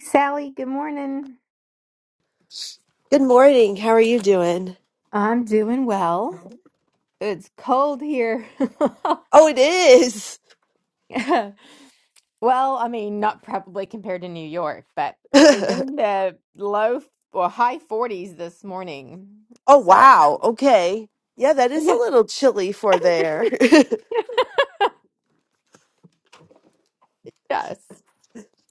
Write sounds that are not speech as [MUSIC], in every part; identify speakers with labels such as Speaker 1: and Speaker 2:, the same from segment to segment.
Speaker 1: Sally, good morning.
Speaker 2: Good morning. How are you doing?
Speaker 1: I'm doing well. It's cold here. [LAUGHS]
Speaker 2: Oh, it is.
Speaker 1: Well, I mean, not probably compared to New York, but
Speaker 2: [LAUGHS]
Speaker 1: it was
Speaker 2: oh,
Speaker 1: in the low or high 40s this morning. So,
Speaker 2: wow. Okay. Yeah, that
Speaker 1: [LAUGHS]
Speaker 2: is a
Speaker 1: yes,
Speaker 2: little chilly for there.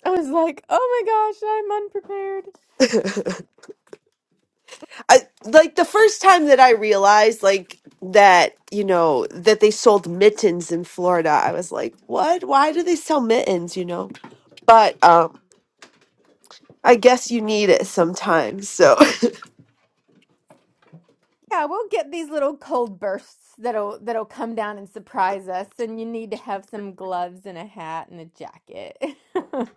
Speaker 1: I was like, "Oh my gosh, I'm unprepared."
Speaker 2: [LAUGHS] I, like the first time that I realized like that, you know, that they sold mittens in Florida, I was like, "What? Why do they sell mittens, you know?" But um I guess you need it sometimes. So
Speaker 1: Yeah, we'll get these little cold bursts that'll that'll come down and surprise us, and you need to have some gloves and a hat and a jacket. [LAUGHS]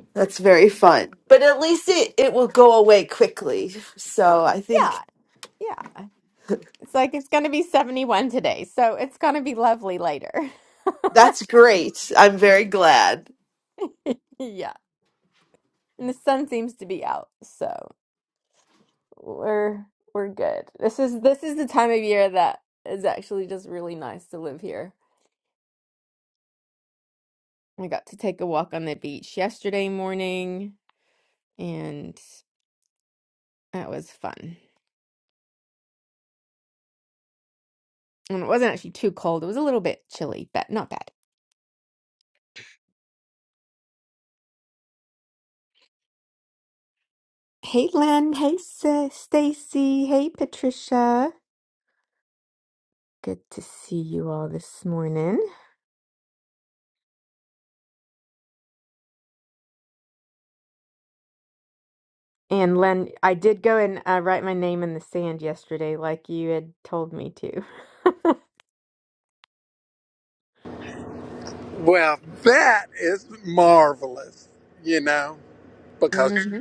Speaker 2: [LAUGHS] that's very fun. But at least it it will go away quickly. So I think
Speaker 1: Yeah, yeah. It's like it's going to be 71 today, so it's going to be lovely later. [LAUGHS]
Speaker 2: that's great. I'm very glad.
Speaker 1: Yeah. And the sun seems to be out, so we're we're good. This is this is the time of year that is actually just really nice to live here. I got to take a walk on the beach yesterday morning, and that was fun. And it wasn't actually too cold. It was a little bit chilly, but not bad. Hey Len, hey Sis, Stacy, hey Patricia. Good to see you all this morning. And Len, I did go and uh, write my name in the sand yesterday, like you had told me to. [LAUGHS] hmm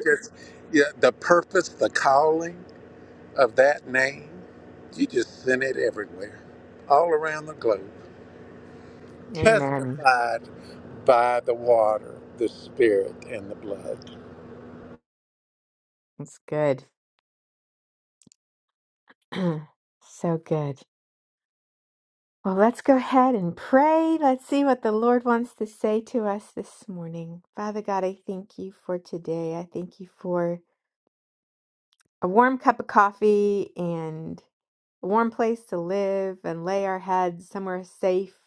Speaker 1: Amen. That's good. [CLEARS THROAT] So good. Well, let's go ahead and pray. Let's see what the Lord wants to say to us this morning. Father God, I thank you for today. I thank you for a warm cup of coffee and a warm place to live and lay our heads somewhere safe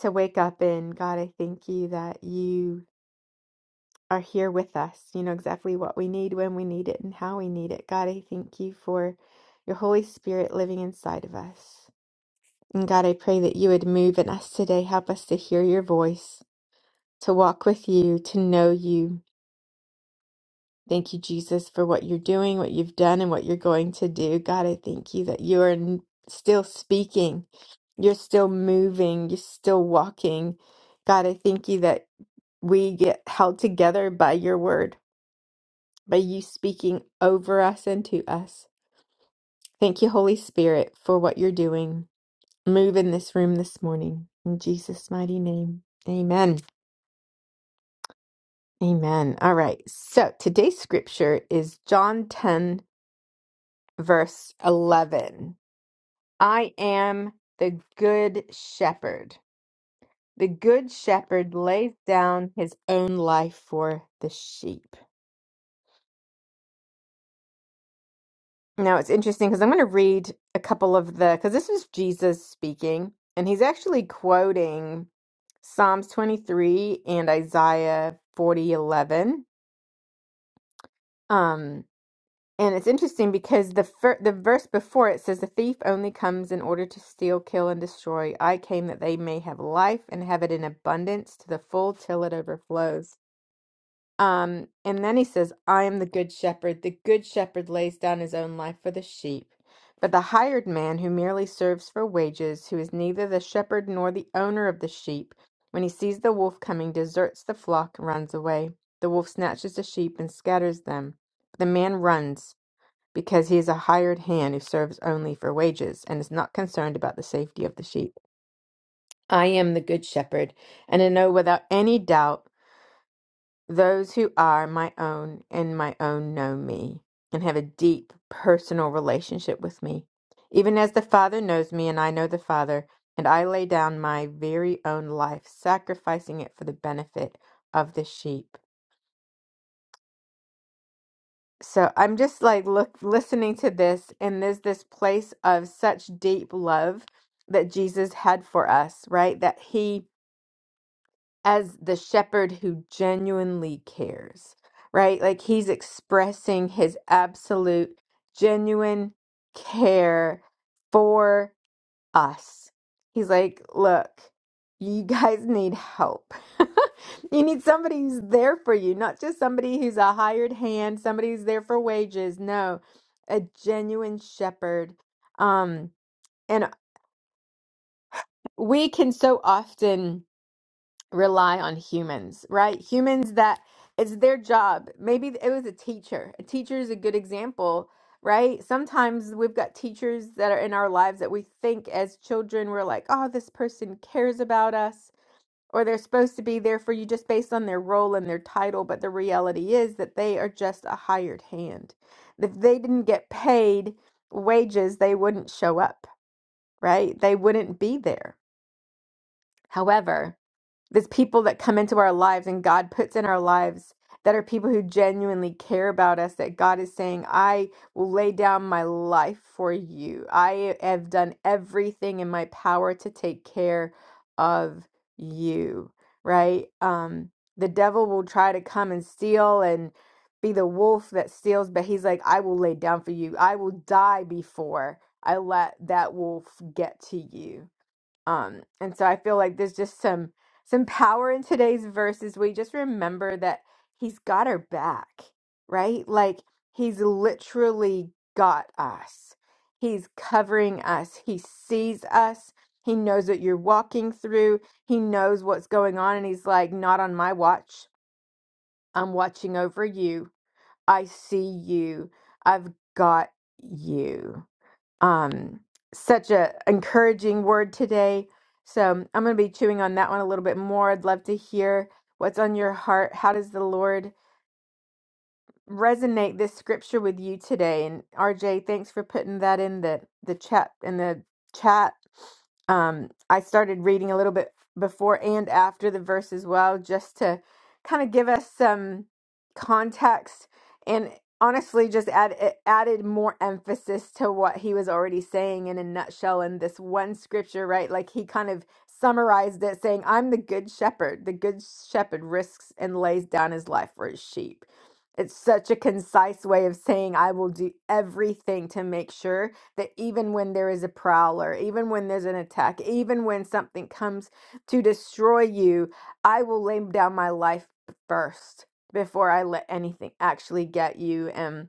Speaker 1: to wake up in. God, I thank you that you are here with us. You know exactly what we need, when we need it, and how we need it. God, I thank you for your Holy Spirit living inside of us. And God, I pray that you would move in us today. Help us to hear your voice, to walk with you, to know you. Thank you, Jesus, for what you're doing, what you've done, and what you're going to do. God, I thank you that you are n- still speaking. You're still moving. You're still walking. God, I thank you that we get held together by your word by you speaking over us and to us. Thank you, Holy Spirit, for what you're doing. Move in this room this morning. In Jesus' mighty name. Amen. Amen. All right. So today's scripture is John 10, verse 11. I am the good shepherd. The good shepherd lays down his own life for the sheep. Now it's interesting because I'm going to read a couple of the, because this is Jesus speaking, and he's actually quoting Psalms 23 and Isaiah 40, eleven. Um, and it's interesting because the fir- the verse before it says, The thief only comes in order to steal, kill, and destroy. I came that they may have life and have it in abundance to the full till it overflows. Um, and then he says, I am the good shepherd. The good shepherd lays down his own life for the sheep. But the hired man who merely serves for wages, who is neither the shepherd nor the owner of the sheep, when he sees the wolf coming, deserts the flock and runs away. The wolf snatches the sheep and scatters them. The man runs because he is a hired hand who serves only for wages and is not concerned about the safety of the sheep. I am the good shepherd, and I know without any doubt. Those who are my own and my own know me and have a deep personal relationship with me. Even as the Father knows me and I know the Father, and I lay down my very own life, sacrificing it for the benefit of the sheep. So I'm just like look listening to this and there's this place of such deep love that Jesus had for us, right? That he as the shepherd who genuinely cares, right? Like he's expressing his absolute, genuine care for us. He's like, look, you guys need help. [LAUGHS] you need somebody who's there for you, not just somebody who's a hired hand, somebody who's there for wages. No, a genuine shepherd. Um, and we can so often rely on humans, right? Humans that it's their job. Maybe it was a teacher. A teacher is a good example, right? Sometimes we've got teachers that are in our lives that we think as children we're like, "Oh, this person cares about us." Or they're supposed to be there for you just based on their role and their title, but the reality is that they are just a hired hand. If they didn't get paid wages, they wouldn't show up, right? They wouldn't be there. However, there's people that come into our lives and God puts in our lives that are people who genuinely care about us, that God is saying, I will lay down my life for you. I have done everything in my power to take care of you, right? Um, the devil will try to come and steal and be the wolf that steals, but he's like, I will lay down for you. I will die before I let that wolf get to you um, and so I feel like there's just some some power in today's verses. We just remember that he's got our back, right? Like he's literally got us. He's covering us. He sees us. He knows what you're walking through. He knows what's going on and he's like, "Not on my watch. I'm watching over you. I see you. I've got you." um, such a encouraging word today. So I'm going to be chewing on that one a little bit more. I'd love to hear what's on your heart. How does the Lord resonate this scripture with you today. And RJ, thanks for putting that in the the chat in the chat. Um, I started reading a little bit before and after the verse as well, just to kind of give us some context and honestly just add it added more emphasis to what he was already saying in a nutshell in this one scripture, right? Like he kind of summarized it saying, I'm the good shepherd. The good shepherd risks and lays down his life for his sheep it's such a concise way of saying I will do everything to make sure that even when there is a prowler, even when there's an attack, even when something comes to destroy you, I will lay down my life first before I let anything actually get you. And,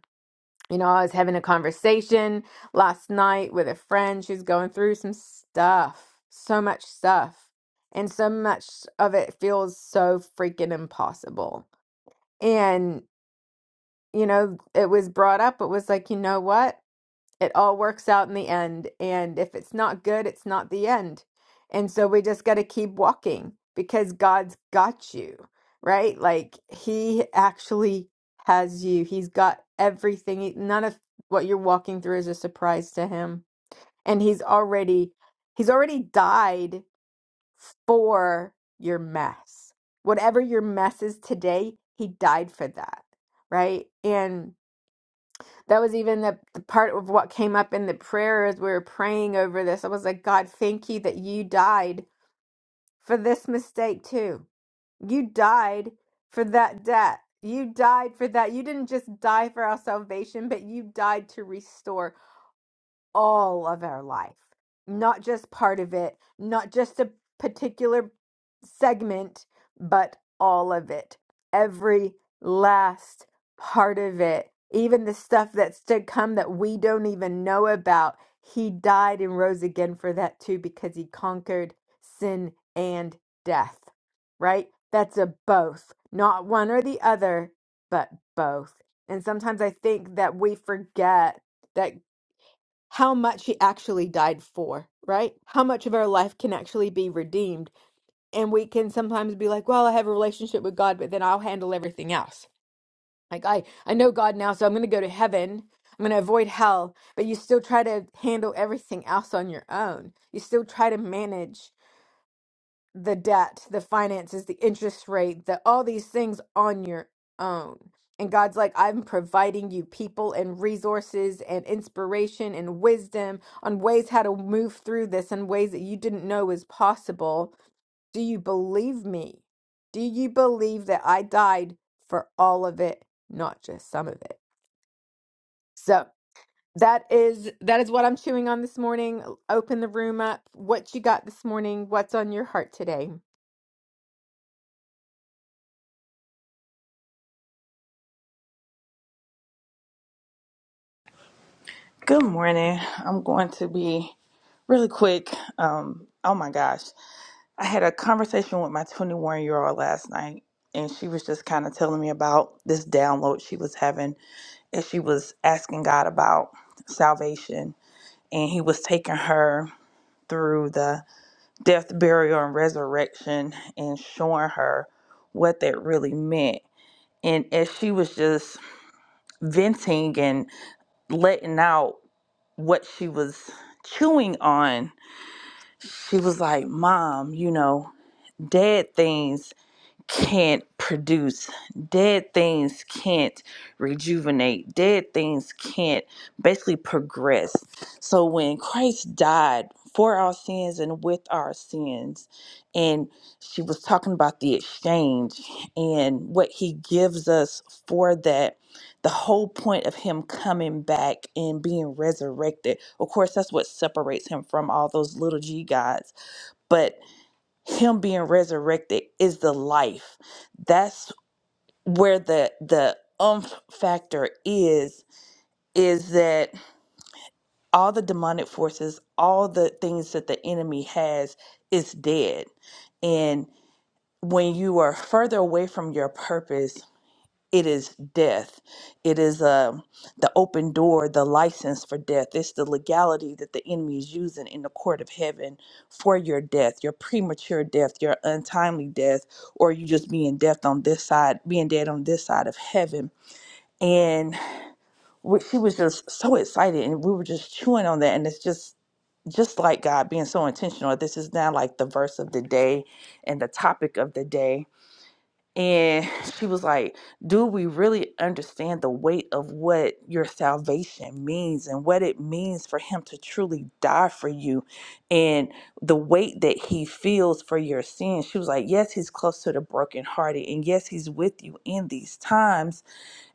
Speaker 1: you know, I was having a conversation last night with a friend. She's going through some stuff, so much stuff. And so much of it feels so freaking impossible. And you know, it was brought up, it was like, you know what? It all works out in the end. And if it's not good, it's not the end. And so we just got to keep walking because God's got you, right? Like He actually has you. He's got everything. None of what you're walking through is a surprise to Him. And He's already, He's already died for your mess. Whatever your mess is today, He died for that, right? And that was even the, the part of what came up in the prayer as we were praying over this. I was like, God, thank you that you died for this mistake too. You died for that debt. You died for that. You didn't just die for our salvation, but you died to restore all of our life, not just part of it, not just a particular segment, but all of it. Every last part of it, even the stuff that's to come that we don't even know about. He died and rose again for that too because he conquered sin and death, right? That's a both, not one or the other, but both. And sometimes I think that we forget that how much he actually died for, right? How much of our life can actually be redeemed. And we can sometimes be like, well, I have a relationship with God, but then I'll handle everything else. Like I I know God now, so I'm going to go to heaven. I'm going to avoid hell, but you still try to handle everything else on your own. You still try to manage the debt, the finances, the interest rate, the all these things on your own. And God's like, I'm providing you people and resources and inspiration and wisdom on ways how to move through this and ways that you didn't know was possible. Do you believe me? Do you believe that I died for all of it, not just some of it? So that is that is what I'm chewing on this morning. Open the room up. What you got this morning? What's on your heart today?
Speaker 3: Good morning. I'm going to be really quick. Um, oh my gosh. I had a conversation with my 21 year old last night, and she was just kind of telling me about this download she was having, and she was asking God about salvation, and He was taking her through the death, burial, and resurrection, and showing her what that really meant. And as she was just venting and letting out, what she was chewing on, she was like, Mom, you know, dad things can't produce. Dead things can't rejuvenate. Dead things can't basically progress. So when Christ died for our sins and with our sins, and she was talking about the exchange and what he gives us for that. The whole point of him coming back and being resurrected, of course, that's what separates him from all those little g gods. But him being resurrected is the life that's where the the umph factor is is that all the demonic forces all the things that the enemy has is dead and when you are further away from your purpose it is death it is uh, the open door the license for death it's the legality that the enemy is using in the court of heaven for your death your premature death your untimely death or you just being death on this side being dead on this side of heaven and we, she was just so excited and we were just chewing on that and it's just just like god being so intentional this is now like the verse of the day and the topic of the day and she was like, Do we really understand the weight of what your salvation means and what it means for him to truly die for you and the weight that he feels for your sins? She was like, Yes, he's close to the brokenhearted. And yes, he's with you in these times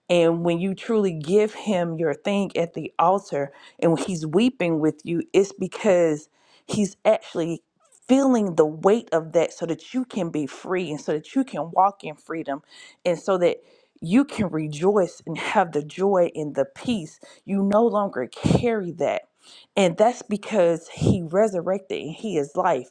Speaker 3: and when you truly give him your thing at the altar and when he's weeping with you, it's because he's actually feeling the weight of that so that you can be free and so that you can walk in freedom and so that you can rejoice and have the joy and the peace. You no longer carry that. And that's because he resurrected and he is life.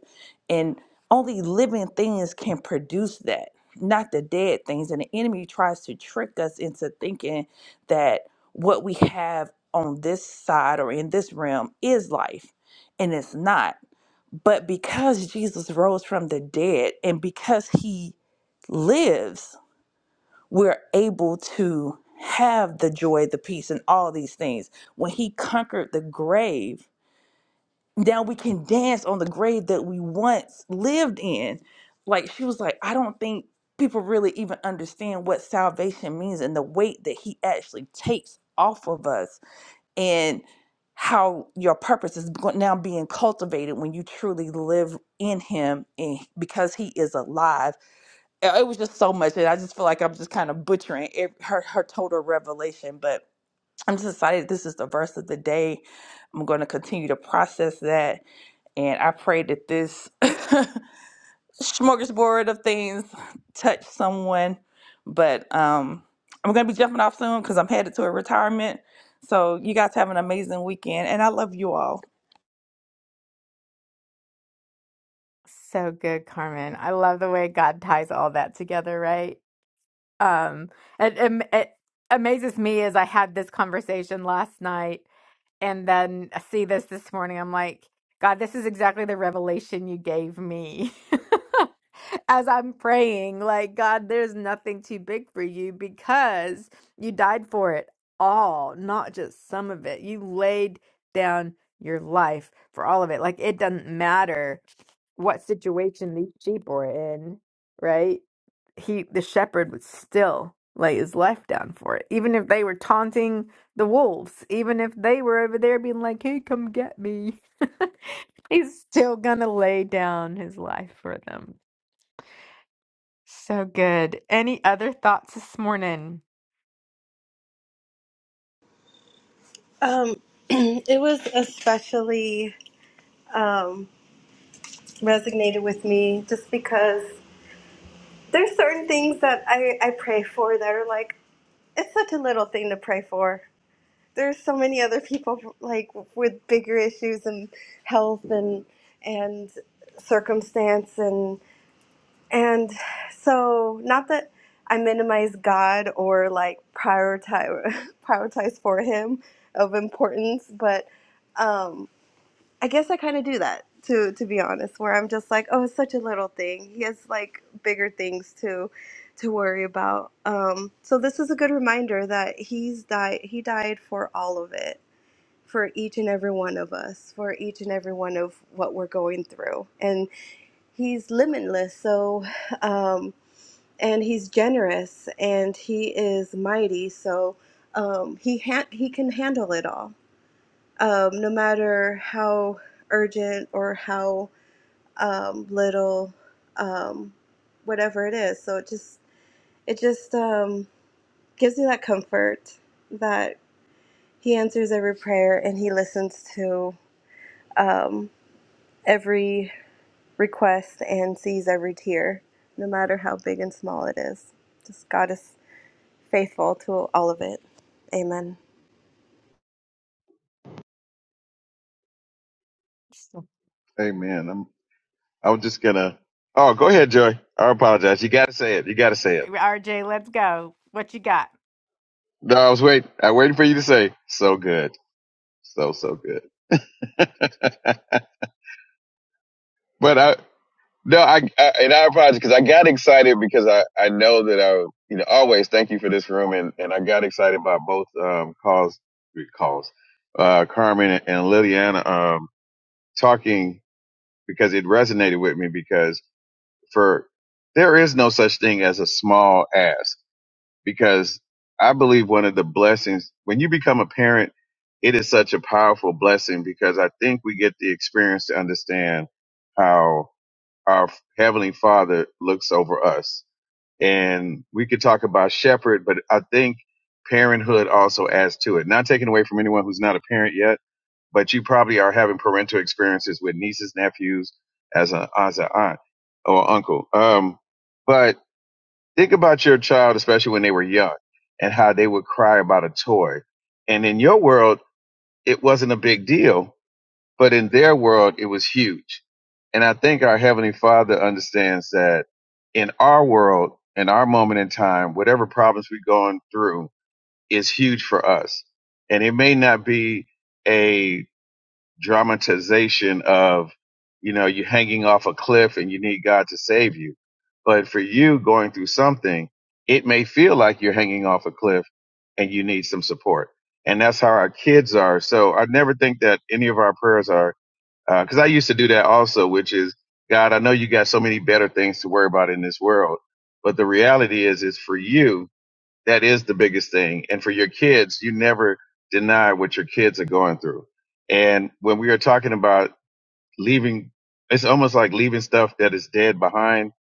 Speaker 3: And only living things can produce that not the dead things. And the enemy tries to trick us into thinking that what we have on this side or in this realm is life, and it's not. But because Jesus rose from the dead and because he lives, we're able to have the joy, the peace, and all these things. When he conquered the grave, now we can dance on the grave that we once lived in. Like she was like, I don't think people really even understand what salvation means and the weight that he actually takes off of us and how your purpose is go- now being cultivated when you truly live in him and because he is alive. Uh, It was just so much and I just feel like I'm just kind of butchering it, her her total revelation, but I'm just excited this is the verse of the day. I'm going to continue to process that and I pray that this [LAUGHS] smorgasbord of things touch someone. But um, I'm going to be jumping off soon because I'm headed to a retirement. So you guys have an amazing weekend. And I love you all.
Speaker 1: So good, Carmen. I love the way God ties all that together, right? Um, it, am- it amazes me as I had this conversation last night and then I see this this morning. I'm like, God, this is exactly the revelation you gave me [LAUGHS] as I'm praying. Like, God, there's nothing too big for you because you died for it all, not just some of it. You laid down your life for all of it. Like, it doesn't matter what situation these sheep were in, right? He, the shepherd, would still lay his life down for it, even if they were taunting the wolves, even if they were over there being like, "Hey, come get me," [LAUGHS] he's still gonna lay down his life for them. So good. Any other thoughts this morning?
Speaker 4: Um, [CLEARS THROAT] it was especially um, resonated with me just because there's certain things that I, I pray for that are like, it's such a little thing to pray for. There's so many other people like with bigger issues and health and and circumstance and and so not that I minimize God or like prioritize [LAUGHS] prioritize for Him of importance, but um, I guess I kind of do that to to be honest, where I'm just like, oh, it's such a little thing. He has like bigger things to to worry about. Um, so this is a good reminder that he's died. He died for all of it, for each and every one of us, for each and every one of what we're going through, and he's limitless. So, um, and he's generous, and he is mighty. So. Um, he ha- he can handle it all um, no matter how urgent or how um, little, um, whatever it is. So it just it just um, gives you that comfort that He answers every prayer and He listens to um, every request and sees every tear, no matter how big and small it is. Just God is faithful to all of it. Amen.
Speaker 1: So-
Speaker 5: Amen. I'm, I was just gonna. Oh, go ahead, Joy. I apologize. You gotta say it. You gotta say it.
Speaker 1: RJ, let's go. What you got?
Speaker 5: No, I was waiting. I was waiting for you to say. So good. So so good. [LAUGHS] but I no, I, I and I apologize because I got excited because I I know that I you know always thank you for this room and and I got excited about both um calls calls uh Carmen and, and Liliana um talking because it resonated with me because for there is no such thing as a small ask because I believe one of the blessings when you become a parent, it is such a powerful blessing because I think we get the experience to understand how our heavenly father looks over us. And we could talk about shepherd, but I think parenthood also adds to it. Not taken away from anyone who's not a parent yet, but you probably are having parental experiences with nieces, nephews, as a as an aunt or uncle. Um, but Think about your child, especially when they were young, and how they would cry about a toy. And in your world, it wasn't a big deal, but in their world, it was huge. And I think our Heavenly Father understands that in our world, in our moment in time, whatever problems we're going through is huge for us. And it may not be a dramatization of, you know, you hanging off a cliff and you need God to save you. But for you going through something, it may feel like you're hanging off a cliff and you need some support. And that's how our kids are. So I never think that any of our prayers are, because I used to do that also, which is, God, I know you got so many better things to worry about in this world. But the reality is, is for you, that is the biggest thing. And for your kids, you never deny what your kids are going through. And when we are talking about leaving, it's almost like leaving stuff that is dead behind.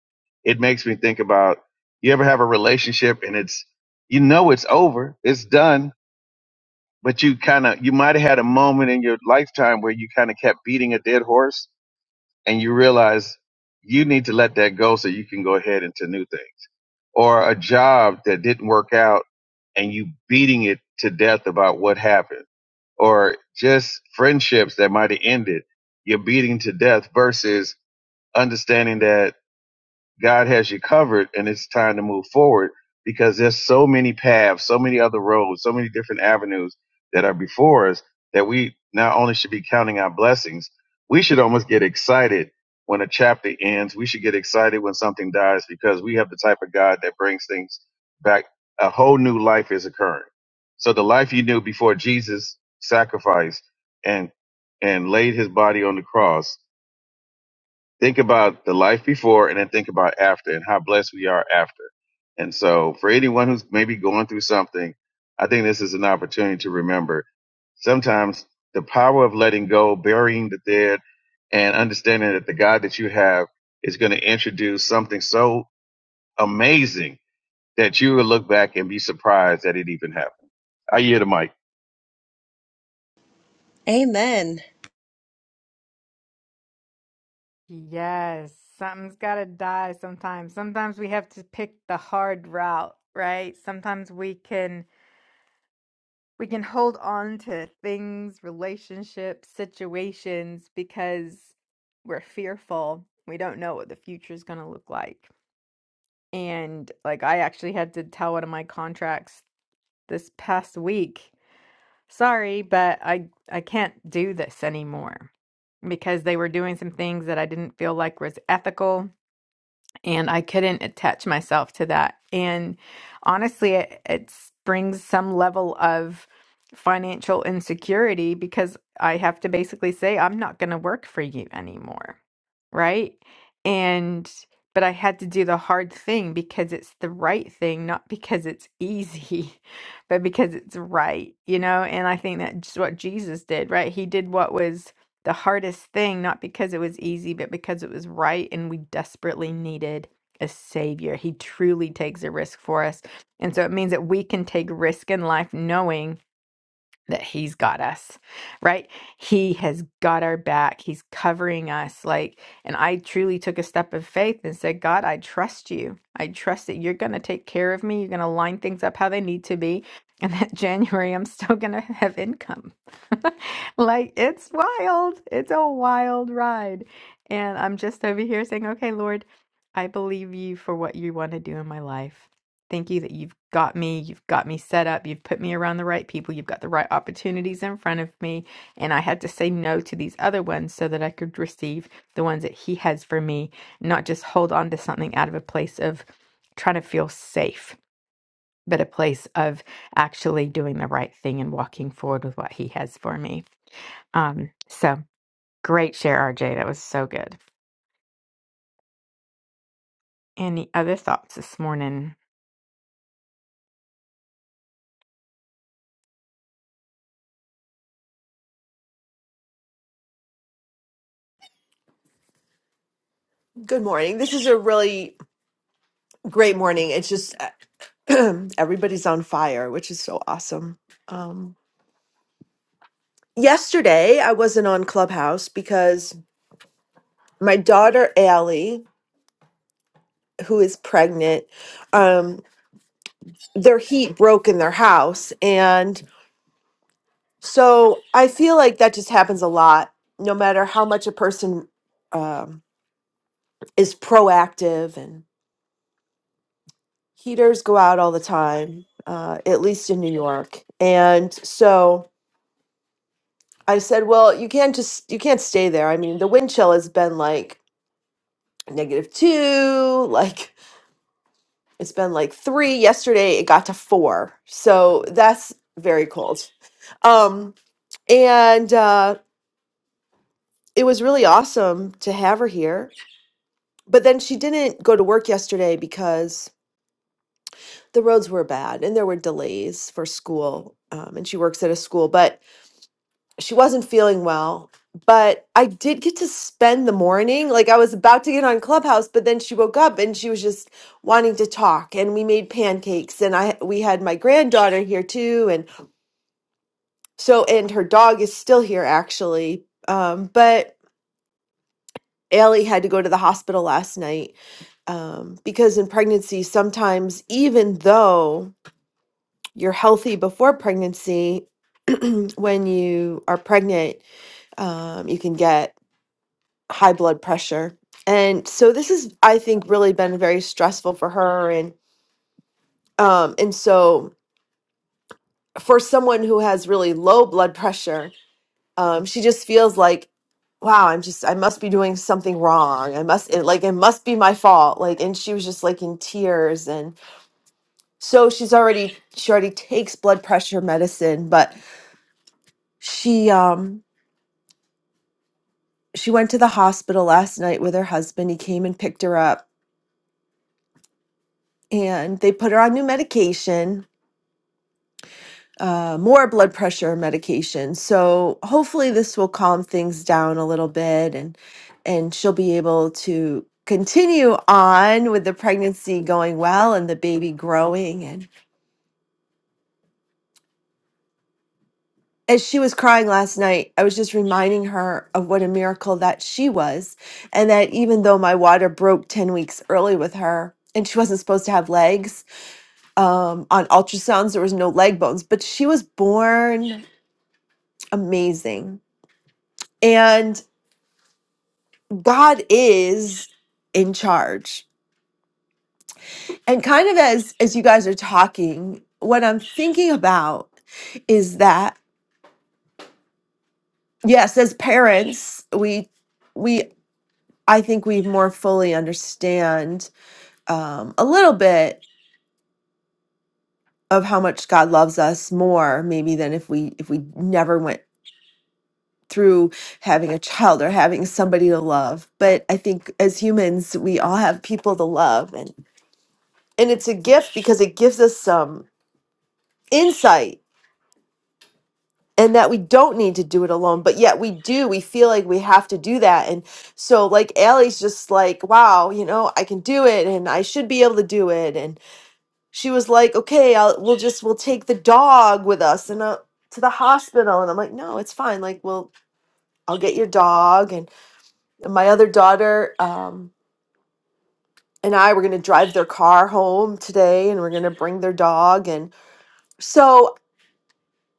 Speaker 5: It makes me think about you ever have a relationship and it's, you know, it's over, it's done, but you kind of, you might have had a moment in your lifetime where you kind of kept beating a dead horse and you realize you need to let that go so you can go ahead into new things or a job that didn't work out and you beating it to death about what happened or just friendships that might have ended you're beating to death versus understanding that God has you covered and it's time to move forward because there's so many paths, so many other roads, so many different avenues that are before us that we not only should be counting our blessings, we should almost get excited when a chapter ends. We should get excited when something dies because we have the type of God that brings things back. A whole new life is occurring. So the life you knew before Jesus sacrificed and and laid his body on the cross think about the life before and then think about after and how blessed we are after. And so for anyone who's maybe going through something, I think this is an opportunity to remember sometimes the power of letting go, burying the dead and understanding that the God that you have is going to introduce something so amazing that you will look back and be surprised that it even happened. I hear the mic.
Speaker 4: Amen.
Speaker 1: Yes, something's got to die sometimes. Sometimes we have to pick the hard route, right? Sometimes we can we can hold on to things, relationships, situations because we're fearful. We don't know what the future is going to look like. And like I actually had to tell one of my contracts this past week, "Sorry, but I I can't do this anymore." Because they were doing some things that I didn't feel like was ethical and I couldn't attach myself to that. And honestly, it, it brings some level of financial insecurity because I have to basically say, I'm not going to work for you anymore. Right. And, but I had to do the hard thing because it's the right thing, not because it's easy, [LAUGHS] but because it's right, you know? And I think that's what Jesus did, right? He did what was the hardest thing, not because it was easy, but because it was right and we desperately needed a savior. He truly takes a risk for us. And so it means that we can take risk in life knowing that he's got us, right? He has got our back. He's covering us. Like, and I truly took a step of faith and said, God, I trust you. I trust that you're going to take care of me. You're going to line things up how they need to be. And that [LAUGHS] January, I'm still going to have income. [LAUGHS] like, it's wild. It's a wild ride. And I'm just over here saying, okay, Lord, I believe you for what you want to do in my life. Thank you that you've got me, you've got me set up, you've put me around the right people, you've got the right opportunities in front of me. And I had to say no to these other ones so that I could receive the ones that He has for me, not just hold on to something out of a place of trying to feel safe, but a place of actually doing the right thing and walking forward with what He has for me. Um, so great share, RJ. That was so good. Any other thoughts this morning?
Speaker 2: Good morning. This is a really great morning. It's just uh, [CLEARS THROAT] everybody's on fire, which is so awesome. Um, yesterday, I wasn't on Clubhouse because my daughter Allie, who is pregnant, um, their heat broke in their house, and so I feel like that just happens a lot. No matter how much a person um, is proactive, and heaters go out all the time, uh, at least in New York, and so. I said, well, you can't just you can't stay there. I mean, the wind chill has been like negative two, like [LAUGHS] it's been like three. Yesterday it got to four. So that's very cold. Um and uh it was really awesome to have her here. But then she didn't go to work yesterday because the roads were bad and there were delays for school. Um, and she works at a school. But she wasn't feeling well but i did get to spend the morning like i was about to get on clubhouse but then she woke up and she was just wanting to talk and we made pancakes and i we had my granddaughter here too and so and her dog is still here actually um, but Allie had to go to the hospital last night um, because in pregnancy, sometimes even though you're healthy before pregnancy, [CLEARS THROAT] when you are pregnant, um, you can get high blood pressure. And so this is I think really been very stressful for her and um and so for someone who has really low blood pressure, um she just feels like wow, I'm just I must be doing something wrong. I must it, like it must be my fault. Like and she was just like in tears and so she's already she already takes blood pressure medicine, but she um she went to the hospital last night with her husband. He came and picked her up and they put her on new medication uh, more blood pressure medication. So hopefully this will calm things down a little bit and and she'll be able to continue on with the pregnancy going well and the baby growing and as she was crying last night, I was just reminding her of what a miracle that she was and that even though my water broke 10 weeks early with her and she wasn't supposed to have legs um, on ultrasounds there was no leg bones but she was born amazing and. God is in charge. And kind of as as you guys are talking, what I'm thinking about is that yes, as parents, we we I think we more fully understand um, a little bit of how much God loves us more maybe than if we if we never went through having a child or having somebody to love. But I think as humans, we all have people to love and and it's a gift because it gives us some insight and that we don't need to do it alone but yet we do we feel like we have to do that and so like Allie's just like wow you know I can do it and I should be able to do it and she was like okay I'll, we'll just we'll take the dog with us and uh, to the hospital and I'm like no it's fine like well I'll get your dog and my other daughter um and I were going to drive their car home today and we're going to bring their dog and so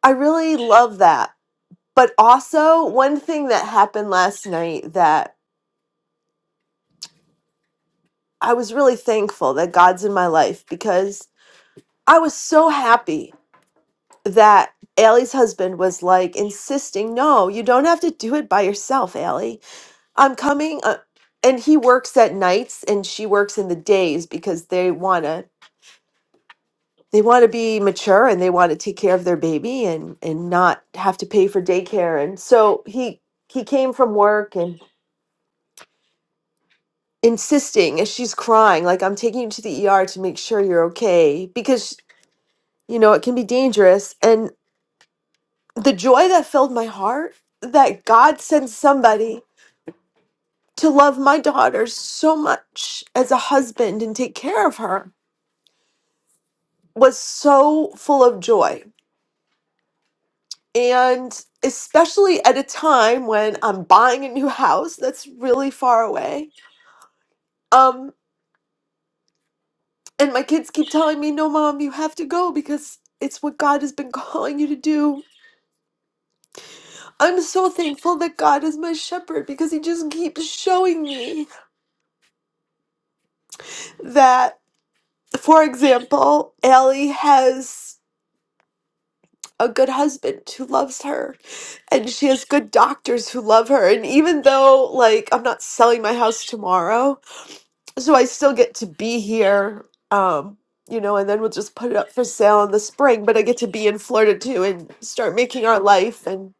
Speaker 2: I really love that But also, one thing that happened last night that I was really thankful that God's in my life because I was so happy that Allie's husband was like insisting, no, you don't have to do it by yourself, Allie. I'm coming. Uh, and he works at nights and she works in the days because they want to. They want to be mature and they want to take care of their baby and, and not have to pay for daycare. And so he he came from work and insisting as she's crying, like, I'm taking you to the ER to make sure you're okay because, you know, it can be dangerous. And the joy that filled my heart that God sent somebody to love my daughter so much as a husband and take care of her was so full of joy. And especially at a time when I'm buying a new house that's really far away. Um, and my kids keep telling me, no, mom, you have to go because it's what God has been calling you to do I'm so thankful that God is my shepherd because he just keeps showing me that, for example, Allie has a good husband who loves her and she has good doctors who love her. And even though, like, I'm not selling my house tomorrow, so I still get to be here. Um, you know, and then we'll just put it up for sale in the spring, but I get to be in Florida too and start making our life and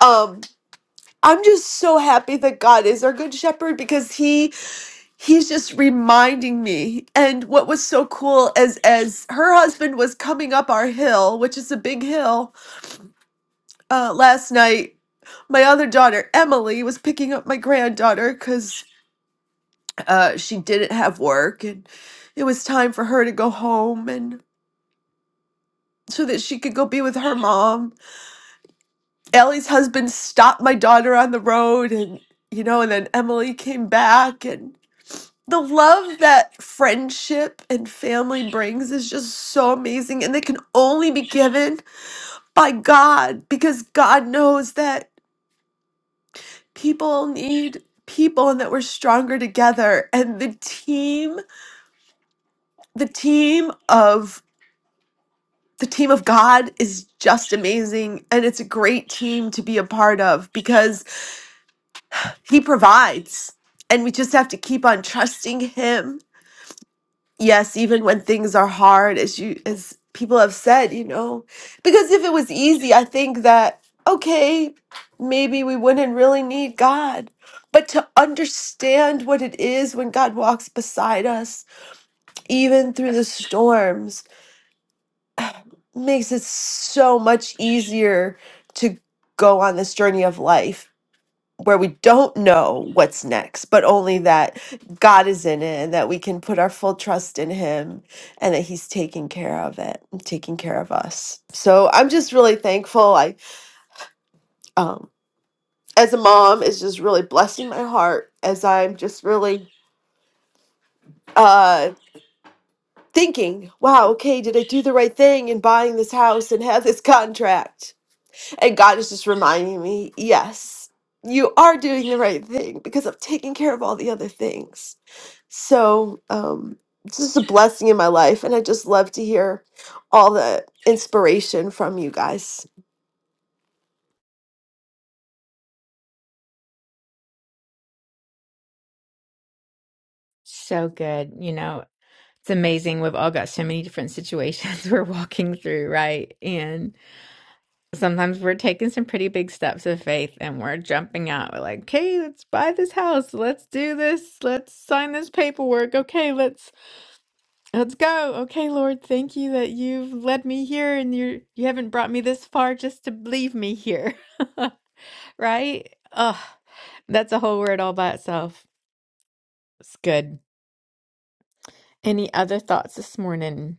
Speaker 2: um I'm just so happy that God is our good shepherd because he he's just reminding me and what was so cool is, as her husband was coming up our hill which is a big hill uh last night my other daughter emily was picking up my granddaughter because uh she didn't have work and it was time for her to go home and so that she could go be with her mom ellie's husband stopped my daughter on the road and you know and then emily came back and. the love that friendship and family brings is just so amazing and they can only be given by God because God knows that people need people and that we're stronger together and the team the team of the team of God is just amazing and it's a great team to be a part of because he provides and we just have to keep on trusting him yes, even when things are hard, as you as people have said, you know, because if it was easy, I think that okay, maybe we wouldn't really need God. But to understand what it is when God walks beside us, even through the storms, makes it so much easier to go on this journey of life where we don't know what's next, but only that God is in it and that we can put our full trust in Him and that He's taking care of it, and taking care of us. So I'm just really thankful. I, um, as a mom, is just really blessing my heart as I'm just really uh, thinking, wow, okay, did I do the right thing in buying this house and have this contract? And God is just reminding me, yes, you are doing the right thing because I'm taking care of all the other things So, um, it's just a blessing in my life, and I just love to hear all the inspiration from you guys.
Speaker 1: So good. You know, it's amazing we've all got so many different situations [LAUGHS] we're walking through right and sometimes we're taking some pretty big steps of faith and we're jumping out we're like okay let's buy this house let's do this let's sign this paperwork okay let's let's go okay lord thank you that you've led me here and you're you haven't brought me this far just to leave me here [LAUGHS] right Ugh, that's a whole word all by itself it's good any other thoughts this morning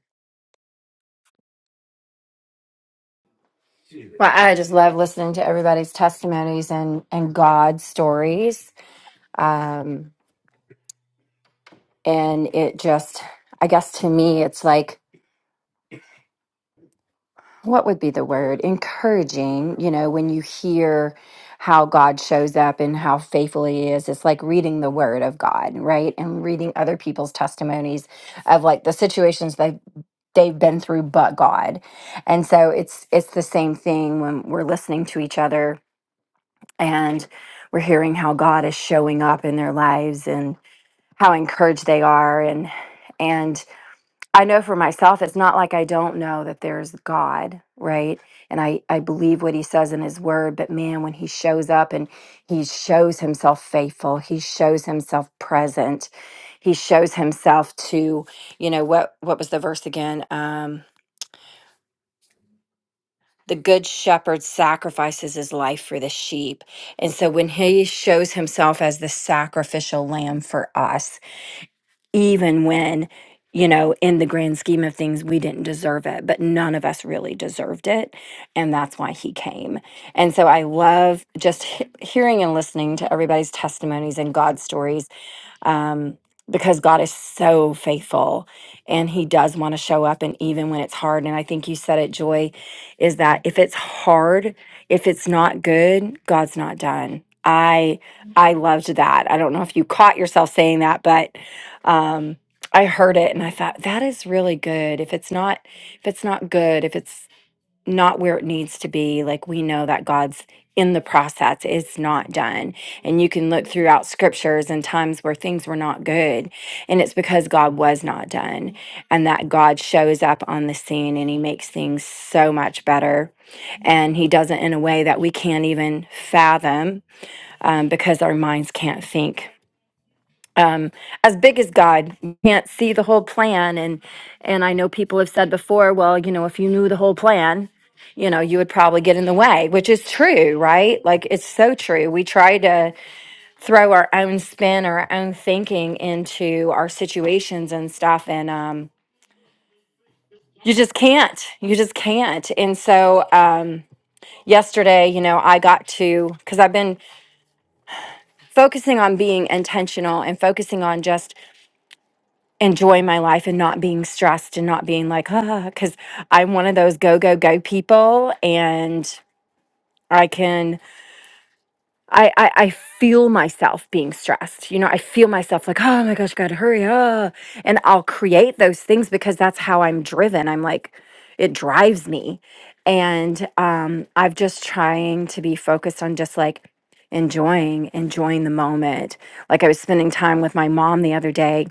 Speaker 6: Well, I just love listening to everybody's testimonies and and God stories. Um, and it just, I guess to me, it's like, what would be the word? Encouraging. You know, when you hear how God shows up and how faithful He is, it's like reading the Word of God, right? And reading other people's testimonies of like the situations they they've been through, but God. And so it's it's the same thing when we're listening to each other and we're hearing how God is showing up in their lives and how encouraged they are and and I know for myself it's not like I don't know that there's God, right? And I I believe what he says in his word, but man when he shows up and he shows himself faithful, he shows himself present. He shows himself to, you know, what what was the verse again? Um the good shepherd sacrifices his life for the sheep. And so when he shows himself as the sacrificial lamb for us, even when, you know, in the grand scheme of things, we didn't deserve it, but none of us really deserved it. And that's why he came. And so I love just he- hearing and listening to everybody's testimonies and God stories um, because God is so faithful and He does want to show up, and even when it's hard. And I think you said it, Joy, is that if it's hard, if it's not good, God's not done. I I loved that. I don't know if you caught yourself saying that, but um, I heard it and I thought that is really good. If it's not if it's not good, if it's not where it needs to be. Like we know that God's in the process, it's not done. And you can look throughout scriptures and times where things were not good. And it's because God was not done and that God shows up on the scene and he makes things so much better. And he does it in a way that we can't even fathom um, because our minds can't think as big as God. You can't see the whole plan and and I know people have said before, well, you know, if you knew the whole plan, you know, you would probably get in the way, which is true, right? Like it's so true. We try to throw our own spin or our own thinking into our situations and stuff and um you just can't. You just can't. And so um yesterday, you know, I got to cuz I've been focusing on being intentional and focusing on just enjoy my life and not being stressed and not being like, ah, because I'm one of those go, go, go people. And I can, I, I, I feel myself being stressed. You know, I feel myself like, oh my gosh, gotta hurry up. And I'll create those things because that's how I'm driven. I'm like, it drives me. And um, I've just trying to be focused on just like enjoying, enjoying the moment. Like I was spending time with my mom the other day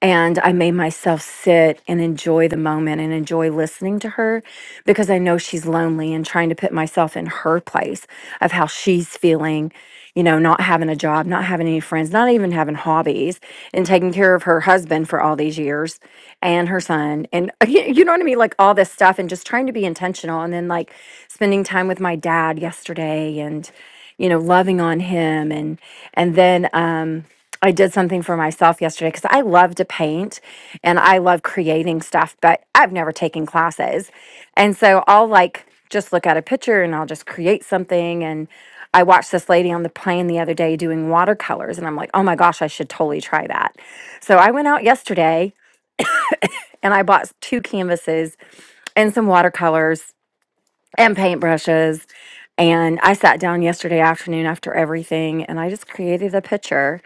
Speaker 6: and I made myself sit and enjoy the moment and enjoy listening to her because I know she's lonely and trying to put myself in her place of how she's feeling, you know, not having a job, not having any friends, not even having hobbies, and taking care of her husband for all these years and her son. And [LAUGHS] you know what I mean? Like all this stuff and just trying to be intentional. And then like spending time with my dad yesterday and, you know loving on him and and then um I did something for myself yesterday cuz I love to paint and I love creating stuff but I've never taken classes. And so I'll like just look at a picture and I'll just create something and I watched this lady on the plane the other day doing watercolors and I'm like, "Oh my gosh, I should totally try that." So I went out yesterday and I bought two canvases and some watercolors and paintbrushes. And I sat down yesterday afternoon after everything and I just created a picture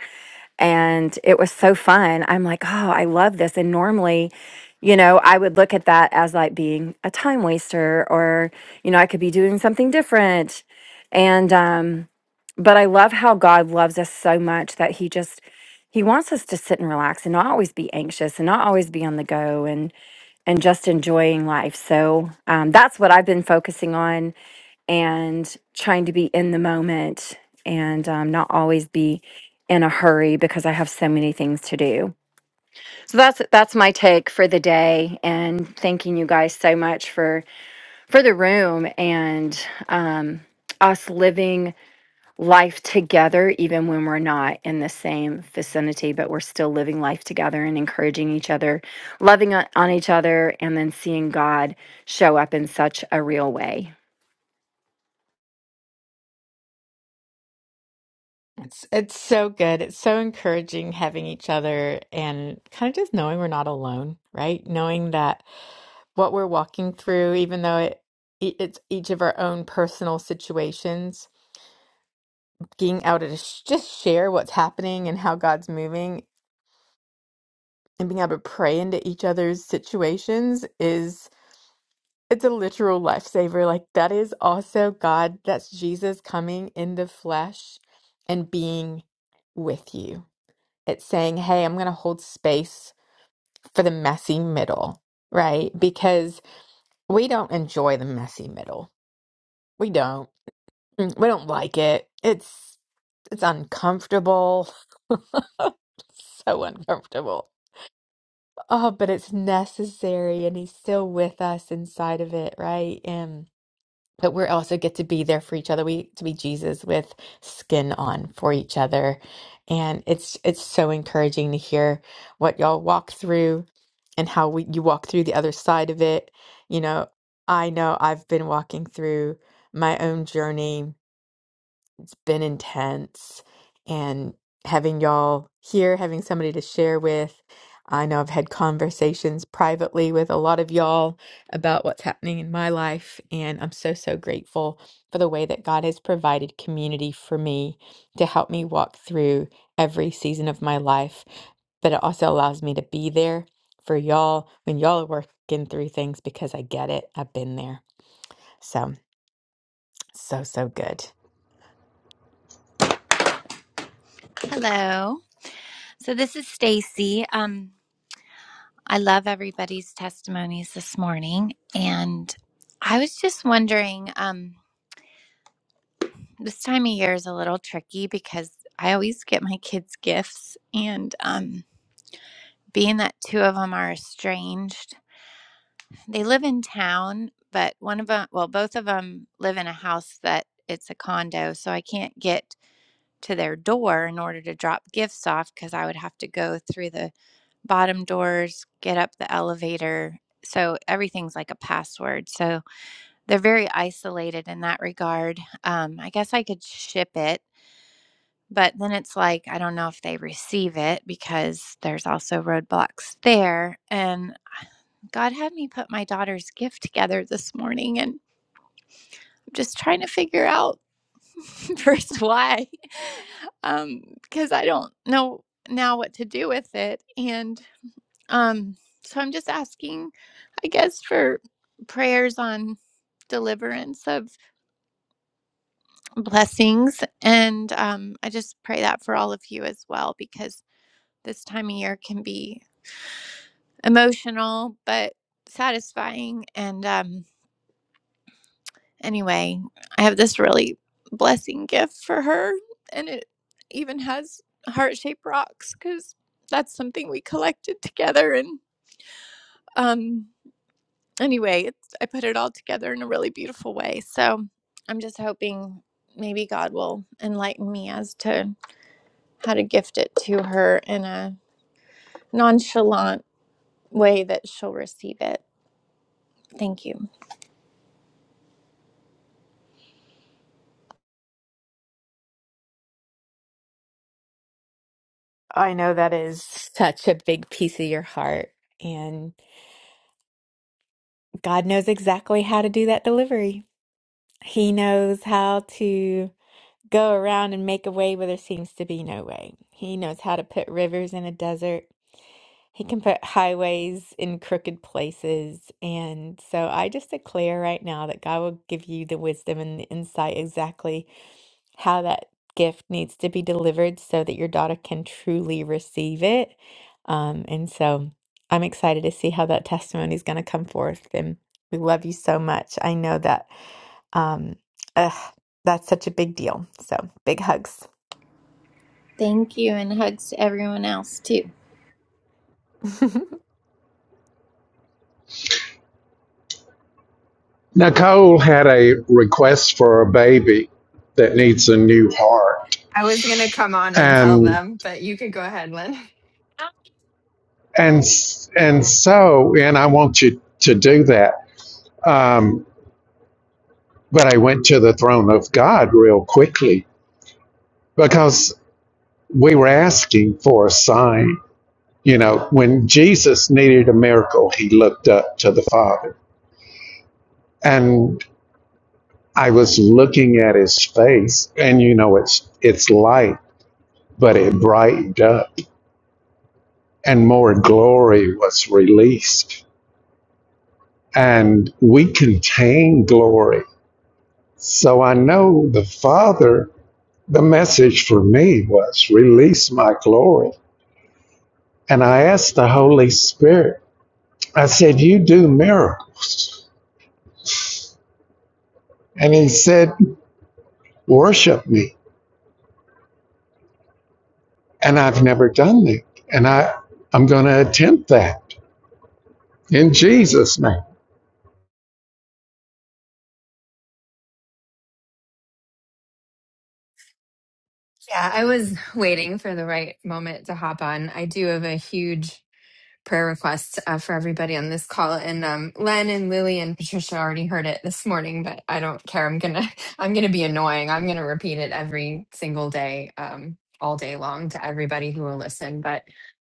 Speaker 6: and it was so fun. I'm like, oh, I love this. And normally, you know, I would look at that as like being a time waster or, you know, I could be doing something different. And, um, but I love how God loves us so much that he just, he wants us to sit and relax and not always be anxious and not always be on the go and, and just enjoying life. So um, that's what I've been focusing on and trying to be in the moment and um, not always be in a hurry because I have so many things to do. So that's that's my take for the day, and thanking you guys so much for for the room and um, us living life together, even when we're not in the same vicinity, but we're still living life together and encouraging each other, loving on on each other, and then seeing God show up in such a real way.
Speaker 1: It's it's so good. It's so encouraging having each other and kind of just knowing we're not alone, right? Knowing that what we're walking through, even though it e- it's each of our own personal situations, being able to sh- just share what's happening and how God's moving, and being able to pray into each other's situations is it's a literal lifesaver. Like that is also God. That's Jesus coming in the flesh and being with you It's saying, hey, I'm going to hold space for the messy middle, right? Because we don't enjoy the messy middle. We don't. Mm, We don't like it. It's it's uncomfortable. [LAUGHS] It's so uncomfortable. Oh, but it's necessary and he's still with us inside of it, right? And but we also get to be there for each other. We to be Jesus with skin on for each other. And it's it's so encouraging to hear what y'all walk through and how we, you walk through the other side of it. You know, I know I've been walking through my own journey been intense and having y'all here, having somebody to share with. I know I've had conversations privately with a lot of y'all about what's happening in my life, and I'm so, so grateful for the way that God has provided community for me to help me walk through every season of my life. But it also allows me to be there for y'all when y'all are working through things because I get it. I've been there. So, so, so good.
Speaker 7: Hello. So this is Stacy. Um I love everybody's testimonies this morning and I was just wondering um this time of year is a little tricky because I always get my kids gifts and um being that two of them are estranged, they live in town, but one of them, well both of them live in a house that it's a condo, so I can't get to their door in order to drop gifts off because I would have to go through the bottom doors, get up the elevator. So everything's like a password. So they're very isolated in that regard. Um, I guess I could ship it, but then it's like, I don't know if they receive it because there's also roadblocks there. And God had me put my daughter's gift together this morning and I'm just trying to figure out [LAUGHS] first why um because i don't know now what to do with it and um so i'm just asking i guess for prayers on deliverance of blessings and um i just pray that for all of you as well because this time of year can be emotional but satisfying and um Anyway, I have this really blessing gift for her, and it even has heart shaped rocks because that's something we collected together. And um, anyway, it's, I put it all together in a really beautiful way. So I'm just hoping maybe God will enlighten me as to how to gift it to her in a nonchalant way that she'll receive it. Thank you.
Speaker 1: I know that is such a big piece of your heart. And God knows exactly how to do that delivery. He knows how to go around and make a way where there seems to be no way. He knows how to put rivers in a desert. He can put highways in crooked places. And so I just declare right now that God will give you the wisdom and the insight exactly how that gift needs to be delivered so that your daughter can truly receive it. Um, and so I'm excited to see how that testimony is going to come forth. And we love you so much. I know that um, ugh, that's such a big deal. So big hugs.
Speaker 7: Thank you, and hugs to everyone else too.
Speaker 1: [LAUGHS]
Speaker 8: Nicole had a request for a baby that needs a new heart,
Speaker 9: I was going to come on and tell
Speaker 8: and
Speaker 9: them, but you could go ahead, Lynn.
Speaker 8: and and so and I want you to do that. Um, but I went to the throne of God real quickly because we were asking for a sign. You know, when Jesus needed a miracle, he looked up to the Father, and I was looking at his face, and you know, it's it's light, but it brightened up and more glory was released. And we contain glory. So I know the Father, the message for me was release my glory. And I asked the Holy Spirit, I said, You do miracles. And he said, Worship me. And I've never done that. And I, I'm going to attempt that in Jesus' name.
Speaker 9: Yeah, I was waiting for the right moment to hop on. I do have a huge prayer requests uh, for everybody on this call. And um, Len and Lily and Patricia already heard it this morning, but I don't care. I'm gonna [LAUGHS] I'm gonna be annoying. I'm gonna repeat it every single day, um, all day long to everybody who will listen. But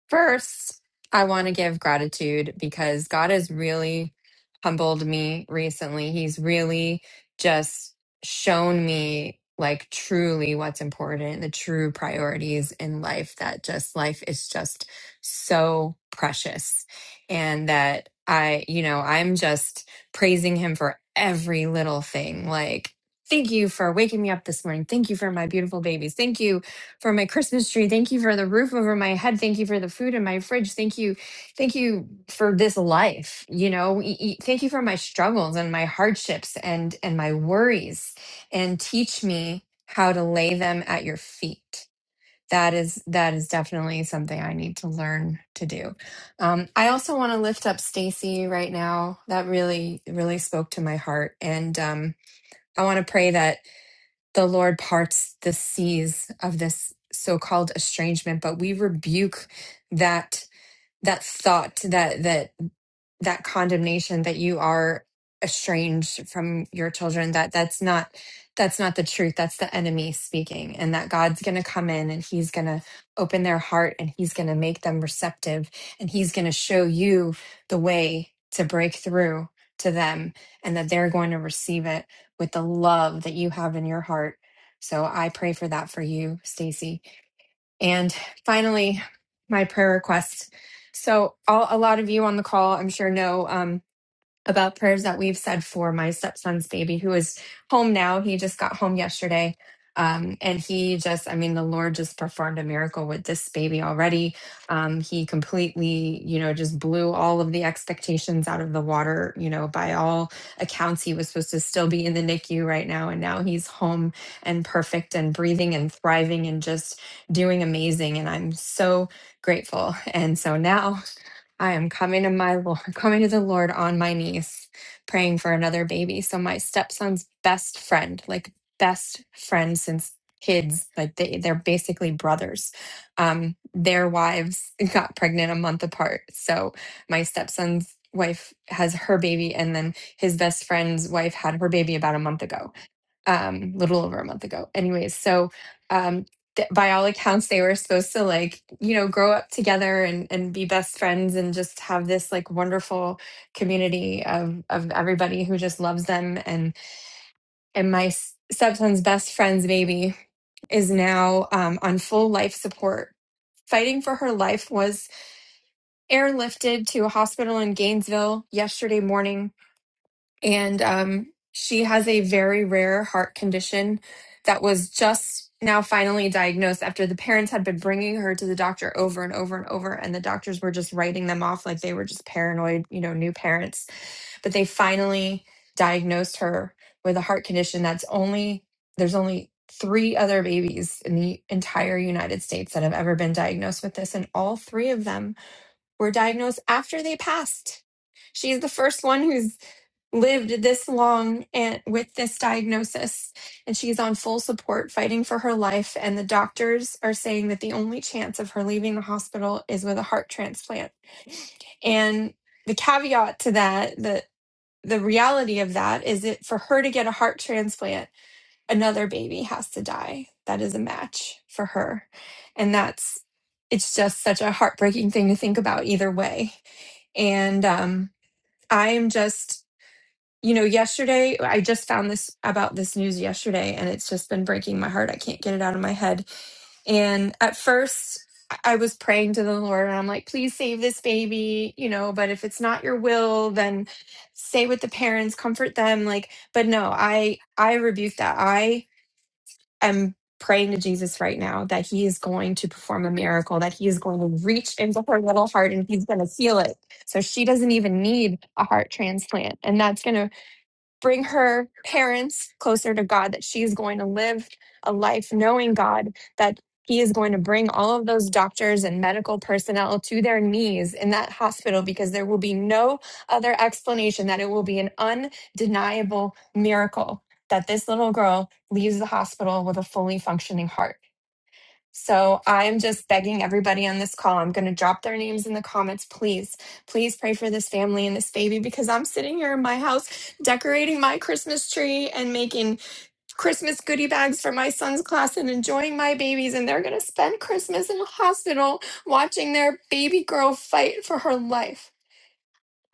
Speaker 9: first, I want to give gratitude because God has really humbled me recently. He's really just shown me like truly what's important the true priorities in life that just life is just so precious and that I, you know, I'm just praising him for every little thing. Like, thank you for waking me up this morning. Thank you for my beautiful babies. Thank you for my Christmas tree. Thank you for the roof over my head. Thank you for the food in my fridge. Thank you. Thank you for this life. You know, E- e- thank you for my struggles and my hardships and and my worries and teach me how to lay them at your feet that is that is definitely something I need to learn to do. Um, I also want to lift up Stacy right now. That really really spoke to my heart, and um, I want to pray that the Lord parts the seas of this so-called estrangement. But we rebuke that that thought that that that condemnation that you are estranged from your children that that's not that's not the truth that's the enemy speaking and that god's going to come in and he's going to open their heart and he's going to make them receptive and he's going to show you the way to break through to them and that they're going to receive it with the love that you have in your heart so i pray for that for you stacy and finally, my prayer request. So, all, a lot of you on the call, I'm sure, know. um, about prayers that we've said for my stepson's baby who is home now. He just got home yesterday. Um, and he just, I mean, the Lord just performed a miracle with this baby already. Um, he completely, you know, just blew all of the expectations out of the water. You know, by all accounts, he was supposed to still be in the NICU right now. And now he's home and perfect and breathing and thriving and just doing amazing. And I'm so grateful. And so now I am coming to my Lord, [LAUGHS] coming to the Lord on my knees, praying for another baby. So my stepson's best friend, like best friend since kids, like they they're basically brothers. Um, their wives [LAUGHS] got pregnant a month apart. So my stepson's wife has her baby, and then his best friend's wife had her baby about a month ago um, little over a month ago. Anyways, so um, th- by all accounts, they were supposed to like you know grow up together and and be best friends and just have this like wonderful community of of everybody who just loves them and and my s- stepson's best friend's baby is now um, on full life support. Fighting for her life was airlifted to a hospital in Gainesville yesterday morning and um, she has a very rare heart condition that was just now finally diagnosed after the parents had been bringing her to the doctor over and over and over and the doctors were just writing them off like they were just paranoid you know new parents but they finally diagnosed her with a heart condition that's only there's only three other babies in the entire united states that have ever been diagnosed with this and all three of them were diagnosed after they passed she's the first one who's lived this long and with this diagnosis and she's on full support fighting for her life and the doctors are saying that the only chance of her leaving the hospital is with a heart transplant and the caveat to that the the reality of that is that for her to get a heart transplant another baby has to die that is a match for her and that's it's just such a heartbreaking thing to think about either way and um, I'm just you know, yesterday, I just found this about this news yesterday, and it's just been breaking my heart. I can't get it out of my head. And at first, I was praying to the Lord, and I'm like, please save this baby, you know, but if it's not your will, then stay with the parents, comfort them. Like, but no, I I rebuke that. I am praying to Jesus right now that he is going to perform a miracle, that he is going to reach into her little heart and he's going to heal it. So she doesn't even need a heart transplant. And that's going to bring her parents closer to God, that she is going to live a life knowing God, that He is going to bring all of those doctors and medical personnel to their knees in that hospital because there will be no other explanation, that it will be an undeniable miracle that this little girl leaves the hospital with a fully functioning heart. So I'm just begging everybody on this call. I'm going to drop their names in the comments. Please, please pray for this family and this baby because I'm sitting here in my house decorating my Christmas tree and making Christmas goodie bags for my son's class and enjoying my babies. And they're going to spend Christmas in a hospital watching their baby girl fight for her life.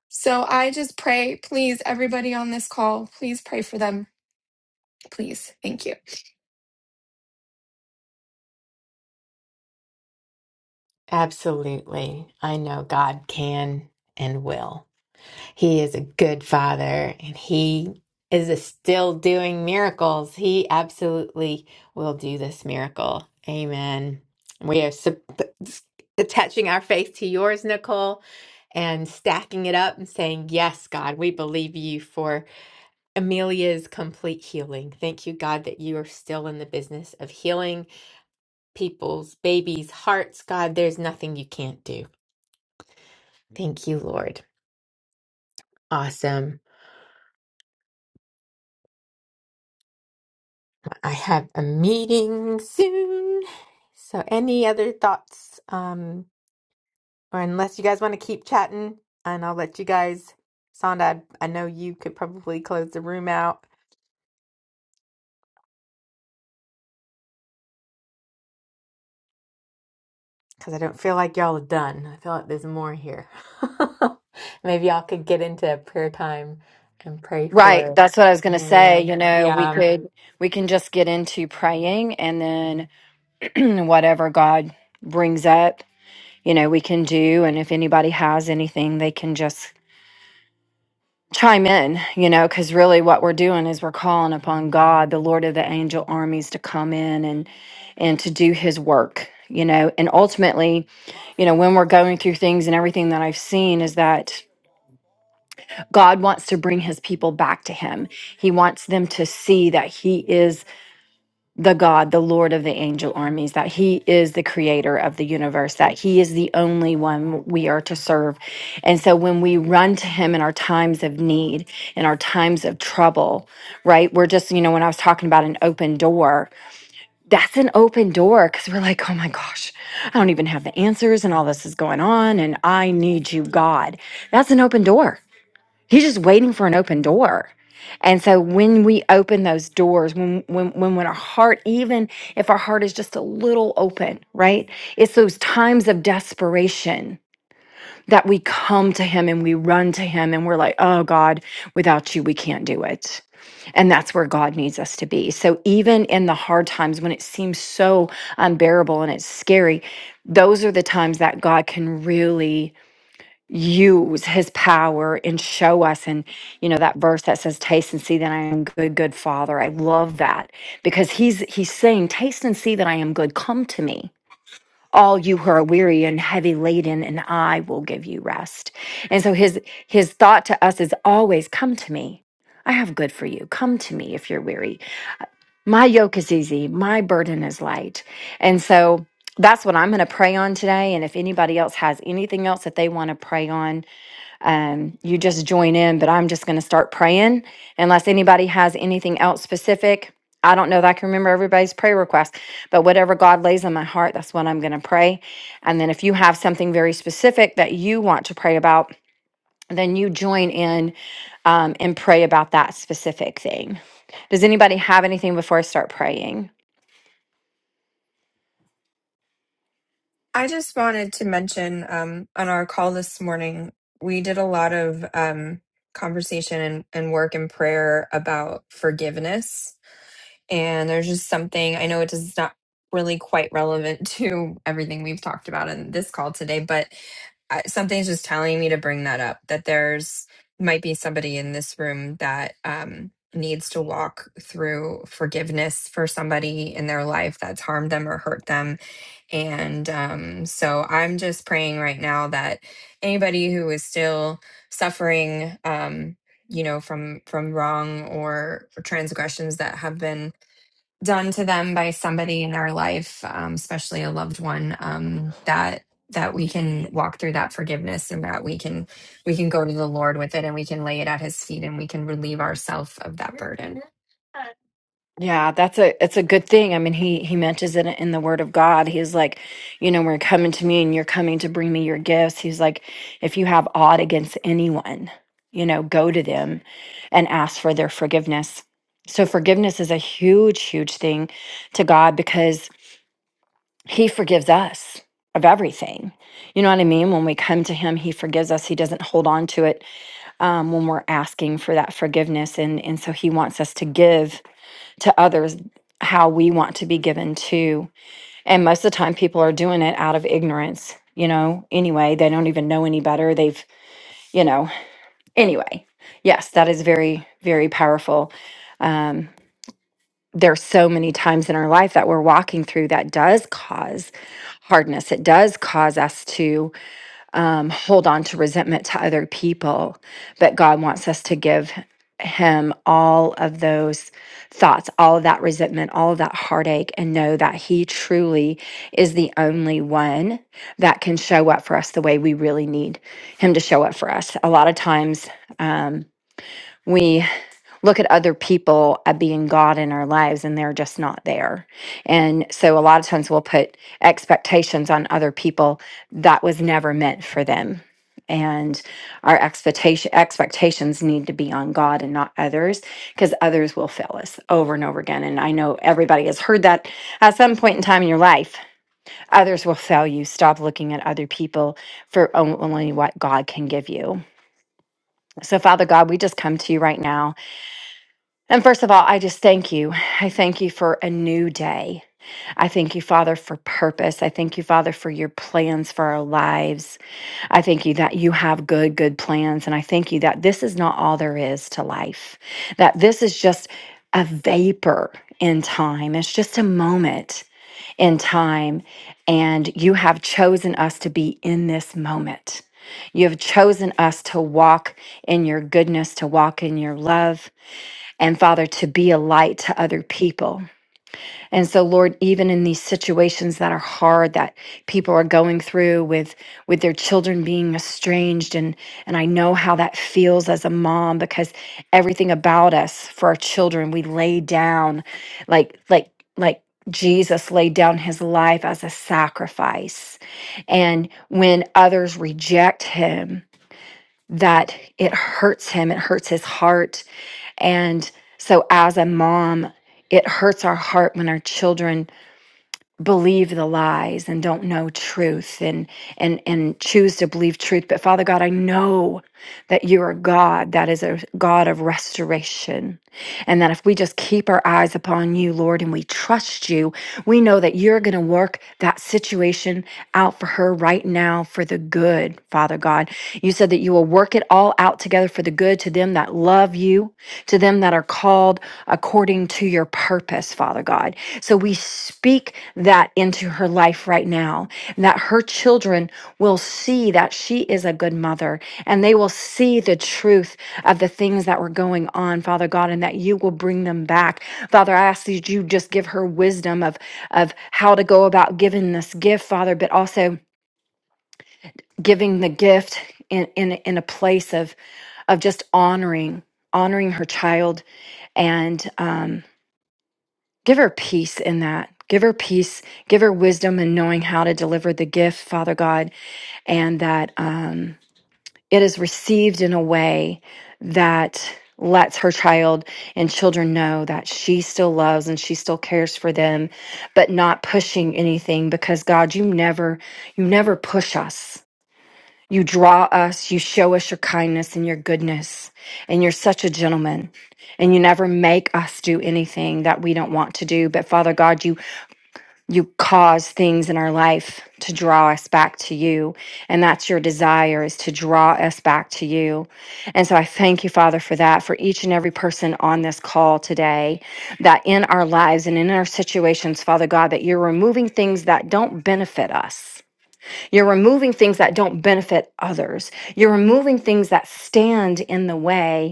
Speaker 9: So I just pray, please, everybody on this call, please pray for them. Please. Thank you.
Speaker 1: Absolutely. I know God can and will. He is a good father and he is still doing miracles. He absolutely will do this miracle. Amen. We are sup- attaching our faith to yours, Nicole, and stacking it up and saying, Yes, God, we believe you for Amelia's complete healing. Thank you, God, that you are still in the business of healing people's babies' hearts. God, there's nothing you can't do. Thank you, Lord. Awesome. I have a meeting soon. So, any other thoughts? Um, or unless you guys want to keep chatting, and I'll let you guys, Sonda, I, I know you could probably close the room out because I don't feel like y'all are done. I feel like there's more here. [LAUGHS] Maybe y'all could get into prayer time and pray
Speaker 6: Right.
Speaker 1: for
Speaker 6: That's what I was going to say.
Speaker 1: Maria.
Speaker 6: You know, we
Speaker 1: Yeah.
Speaker 6: could, we can just get into praying and then [CLEARS THROAT] whatever God brings up, you know, we can do. And if anybody has anything, they can just chime in, you know, because really what we're doing is we're calling upon God, the Lord of the angel armies to come in and, and to do his work, you know, and ultimately, you know, when we're going through things and everything that I've seen is that God wants to bring his people back to him. He wants them to see that he is the God, the Lord of the angel armies, that He is the creator of the universe, that He is the only one we are to serve. And so when we run to Him in our times of need, in our times of trouble, right? We're just, you know, when I was talking about an open door, that's an open door because we're like, oh my gosh, I don't even have the answers and all this is going on and I need you, God. That's an open door. He's just waiting for an open door. And so when we open those doors, when when when when our heart, even if our heart is just a little open, right? It's those times of desperation that we come to him and we run to him and we're like, oh God, without you, we can't do it. And that's where God needs us to be. So even in the hard times when it seems so unbearable and it's scary, those are the times that God can really use his power and show us and you know that verse that says taste and see that i am good good father i love that because he's he's saying taste and see that i am good come to me all you who are weary and heavy laden and i will give you rest and so his his thought to us is always come to me i have good for you come to me if you're weary my yoke is easy my burden is light and so that's what i'm going to pray on today and if anybody else has anything else that they want to pray on um, you just join in, but I'm just going to start praying unless anybody has anything else specific. I don't know that I can remember everybody's prayer request, but whatever God lays on my heart, that's what I'm going to pray. And then if you have something very specific that you want to pray about, then you join in um, and pray about that specific thing. Does anybody have anything before I start praying?
Speaker 9: I just wanted to mention um, on our call this morning, we did a lot of um, conversation and, and work and prayer about forgiveness. And there's just something, I know it is not really quite relevant [LAUGHS] to everything we've talked about in this call today, but I- something's just telling me to bring that up that there's might be somebody in this room that um, needs to walk through forgiveness for somebody in their life that's harmed them or hurt them and um, so I'm just praying right now that anybody who is still suffering, um, you know, from from wrong or transgressions that have been done to them by somebody in their life, um, especially a loved one, um, that that we can walk through that forgiveness and that we can we can go to the Lord with it and we can lay it at His feet and we can relieve ourselves of that burden.
Speaker 6: Yeah, that's a it's a good thing. I mean, he he mentions it in the Word of God. He's like, you know, we're coming to me, and you're coming to bring me your gifts. He's like, if you have aught against anyone, you know, go to them and ask for their forgiveness. So forgiveness is a huge, huge thing to God because He forgives us of everything. You know what I mean? When we come to Him, He forgives us. He doesn't hold on to it um, when we're asking for that forgiveness, and and so He wants us to give to others how we want to be given to. And most of the time, people are doing it out of ignorance, you know, anyway. They don't even know any better. They've, you know, anyway. Yes, that is very, very powerful. Um, there's so many times in our life that we're walking through that does cause hardness. It does cause us to um, hold on to resentment to other people. But God wants us to give Him all of those thoughts, all of that resentment, all of that heartache, and know that He truly is the only one that can show up for us the way we really need Him to show up for us. A lot of times, um, we look at other people at being God in our lives and they're just not there. And so a lot of times we'll put expectations on other people that was never meant for them. And our expectation expectations need to be on God and not others because others will fail us over and over again. And I know everybody has heard that at some point in time in your life. Others will fail you. Stop looking at other people for only what God can give you. So, Father God, we just come to you right now and first of all, I just thank you. I thank you for a new day. I thank you, Father, for purpose. I thank you, Father, for your plans for our lives. I thank you that you have good, good plans. And I thank you that this is not all there is to life, that this is just a vapor in time. It's just a moment in time. And you have chosen us to be in this moment. You have chosen us to walk in your goodness, to walk in your love, and Father, to be a light to other people. And so, Lord, even in these situations that are hard that people are going through with with their children being estranged, and and I know how that feels as a mom because everything about us for our children, we lay down like like like Jesus laid down his life as a sacrifice. And when others reject him, that it hurts him, it hurts his heart. And so, as a mom, it hurts our heart when our children believe the lies and don't know truth and and and choose to believe truth but father god i know that you are god that is a god of restoration and that if we just keep our eyes upon you lord and we trust you we know that you're going to work that situation out for her right now for the good father god you said that you will work it all out together for the good to them that love you to them that are called according to your purpose purpose, Father God. So we speak that into her life right now, and that her children will see that she is a good mother and they will see the truth of the things that were going on, Father God, and that you will bring them back. Father, I ask that you just give her wisdom of, of how to go about giving this gift, Father, but also giving the gift in, in, in a place of, of just honoring, honoring her child and, um, Give her peace in that. Give her peace. Give her wisdom in knowing how to deliver the gift, Father God, and that um, it is received in a way that lets her child and children know that she still loves and she still cares for them, but not pushing anything because God, you never, you never push us. You draw us, you show us your kindness and your goodness, and you're such a gentleman and you never make us do anything that we don't want to do. But Father God, you you cause things in our life to draw us back to you and that's your desire is to draw us back to you and so i thank you father for that for each and every person on this call today that in our lives and in our situations father god that you're removing things that don't benefit us you're removing things that don't benefit others you're removing things that stand in the way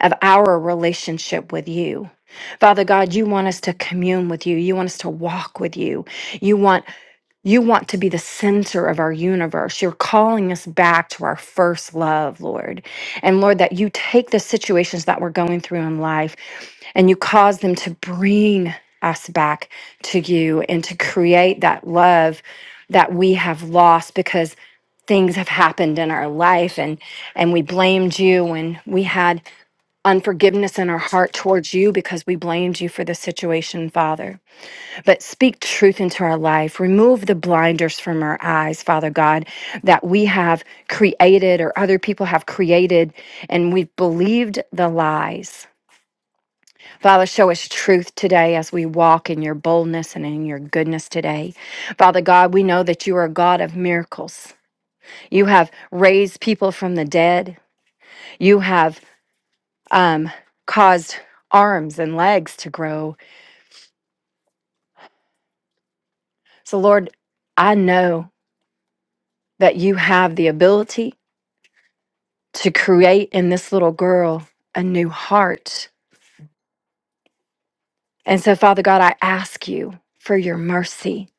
Speaker 6: of our relationship with you. Father God, you want us to commune with you. You want us to walk with you. You want you want to be the center of our universe. You're calling us back to our first love, Lord. And Lord, that you take the situations that we're going through in life and you cause them to bring us back to you and to create that love that we have lost because things have happened in our life and and we blamed you and we had unforgiveness in our heart towards you because we blamed you for the situation, Father but speak truth into our life. Remove the blinders from our eyes, Father God, that we have created or other people have created and we've believed the lies. Father, show us truth today as we walk in your boldness and in your goodness today. Father God, we know that you are a God of miracles. You have raised people from the dead. You have um, caused arms and legs to grow. So, Lord, I know that you have the ability to create in this little girl a new heart. And so, Father God, I ask you for your mercy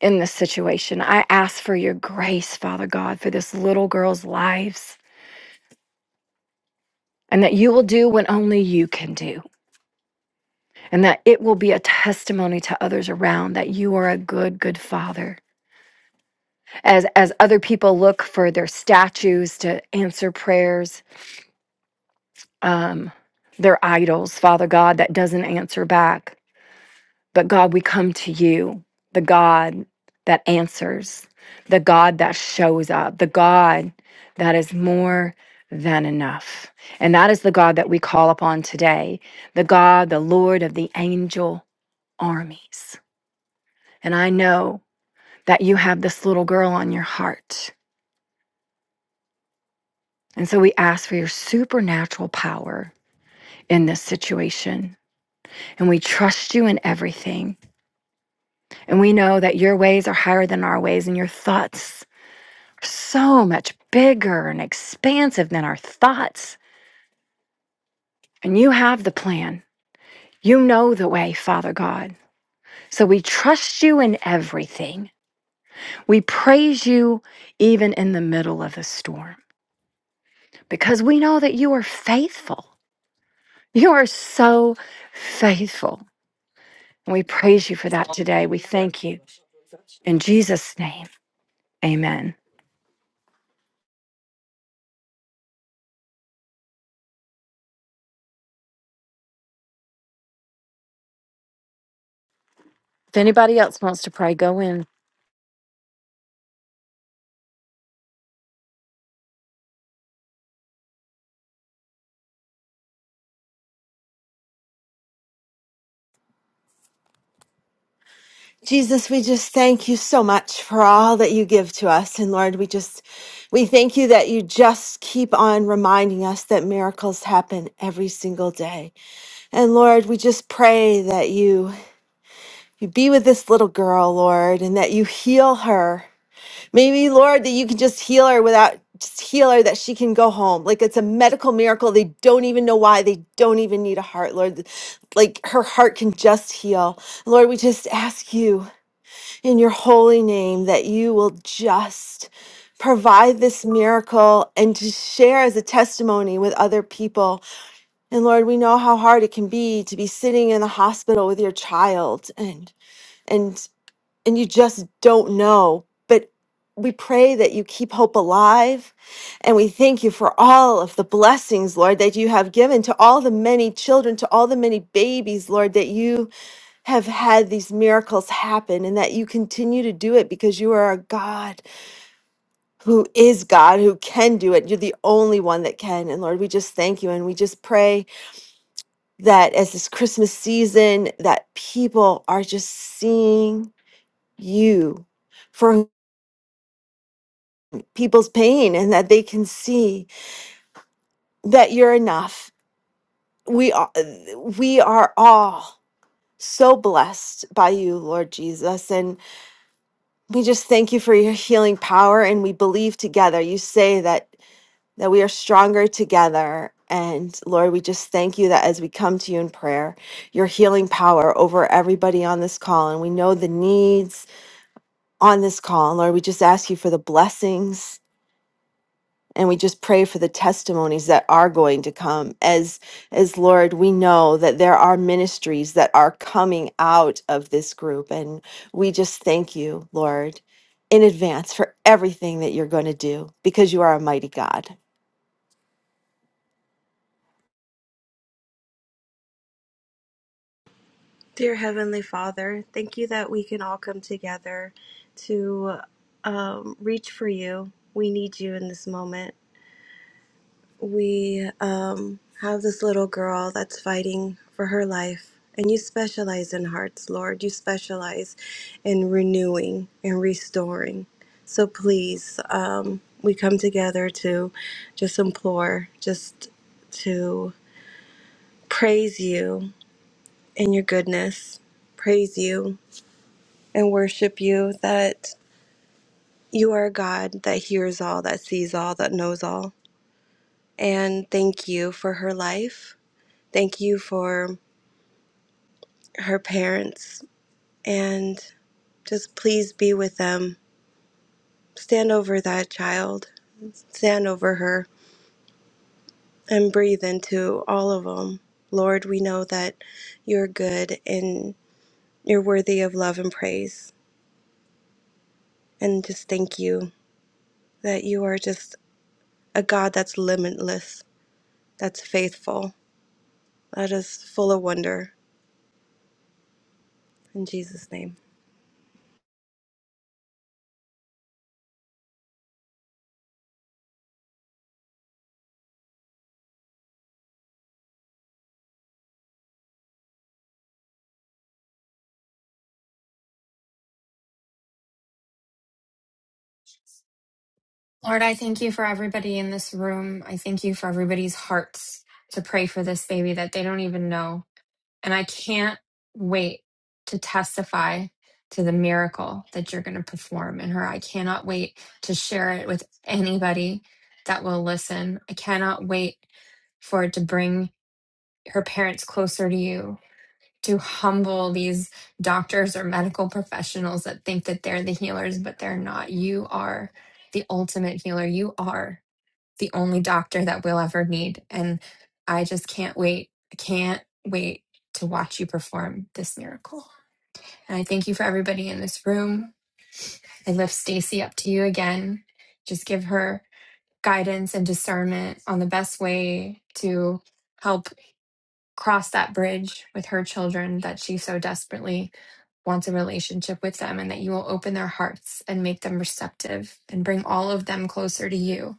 Speaker 6: in this situation. I ask for your grace, Father God, for this little girl's lives, and that you will do what only you can do, and that it will be a testimony to others around that you are a good, good Father. As as other people look for their statues to answer prayers, um, their idols, Father God, that doesn't answer back. But God, we come to you, the God that answers, the God that shows up, the God that is more than enough. And that is the God that we call upon today, the God, the Lord of the angel armies. And I know that you have this little girl on your heart. And so we ask for your supernatural power in this situation. And we trust you in everything. And we know that your ways are higher than our ways and your thoughts so much bigger and expansive than our thoughts. And you have the plan. You know the way, Father God. So we trust you in everything. We praise you even in the middle of the storm because we know that you are faithful. You are so faithful. And we praise you for that today. We thank you. In Jesus' name, amen. If anybody else wants to pray, go in.
Speaker 2: Jesus, we just thank you so much for all that you give to us. And Lord, we just, we thank you that you just keep on reminding us that miracles happen every single day. And Lord, we just pray that you, you be with this little girl, Lord, and that you heal her Maybe, Lord, that you can just heal her without just heal her that she can go home. Like it's a medical miracle. They don't even know why. They don't even need a heart, Lord. Like her heart can just heal. Lord, we just ask you in your holy name that you will just provide this miracle and to share as a testimony with other people. And Lord, we know how hard it can be to be sitting in the hospital with your child and and and you just don't know. But we pray that you keep hope alive. And we thank you for all of the blessings, Lord, that you have given to all the many children, to all the many babies, Lord, that you have had these miracles happen and that you continue to do it because you are a God who is God, who can do it. You're the only one that can. And Lord, we just thank you. And we just pray that as this Christmas season, that people are just seeing you. for. people's pain and that they can see that you're enough. We are, we are all so blessed by you, Lord Jesus, and we just thank you for your healing power and we believe together. You say that that we are stronger together. And Lord, we just thank you that as we come to you in prayer, your healing power over everybody on this call. And we know the needs on this call. And Lord, we just ask you for the blessings and we just pray for the testimonies that are going to come as as lord we know that there are ministries that are coming out of this group and we just thank you lord in advance for everything that you're going to do because you are a mighty god
Speaker 4: Dear Heavenly Father, thank you that we can all come together to um, reach for you. We need you in this moment. We um, have this little girl that's fighting for her life, and you specialize in hearts, Lord. You specialize in renewing and restoring. So please, um, we come together to just implore, just to praise you and your goodness, praise you and worship you that you are a God that hears all, that sees all, that knows all. And thank you for her life. Thank you for her parents. And just please be with them. Stand over that child, stand over her, and breathe into all of them. Lord, we know that you're good and you're worthy of love and praise. And just thank you that you are just a God that's limitless, that's faithful That is full of wonder. In Jesus' name.
Speaker 9: Lord, I thank you for everybody in this room. I thank you for everybody's hearts to pray for this baby that they don't even know. And I can't wait to testify to the miracle that you're going to perform in her. I cannot wait to share it with anybody that will listen. I cannot wait for it to bring her parents closer to you, to humble these doctors or medical professionals that think that they're the healers, but they're not. You are the ultimate healer. You are the only doctor that we'll ever need. And I just can't wait. I can't wait to watch you perform this miracle. And I thank you for everybody in this room. I lift Stacy up to you again. Just give her guidance and discernment on the best way to help cross that bridge with her children that she so desperately wants a relationship with them and that you will open their hearts and make them receptive and bring all of them closer to you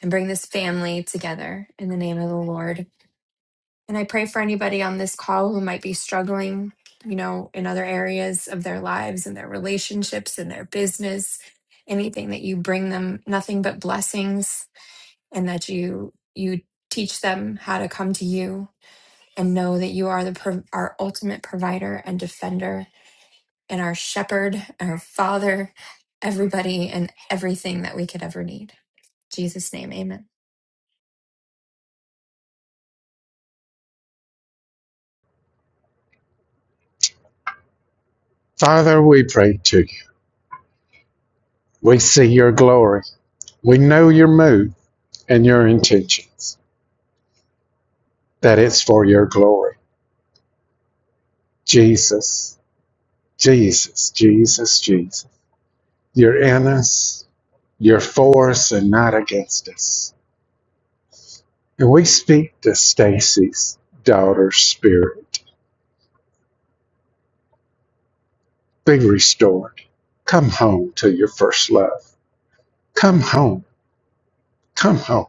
Speaker 9: and bring this family together in the name of the Lord. And I pray for anybody on this call who might be struggling, you know, in other areas of their lives and their relationships and their business, anything that you bring them, nothing but blessings, and that you you teach them how to come to you and know that you are the pro- our ultimate provider and defender and our shepherd, our father, everybody and everything that we could ever need. In Jesus name, amen.
Speaker 8: Father, we pray to you. We see your glory. We know your mood and your intentions. that it's for your glory. Jesus, Jesus, Jesus, Jesus. You're in us, you're for us and not against us. And we speak to Stacy's daughter's spirit. Be restored. Come home to your first love. Come home. Come home.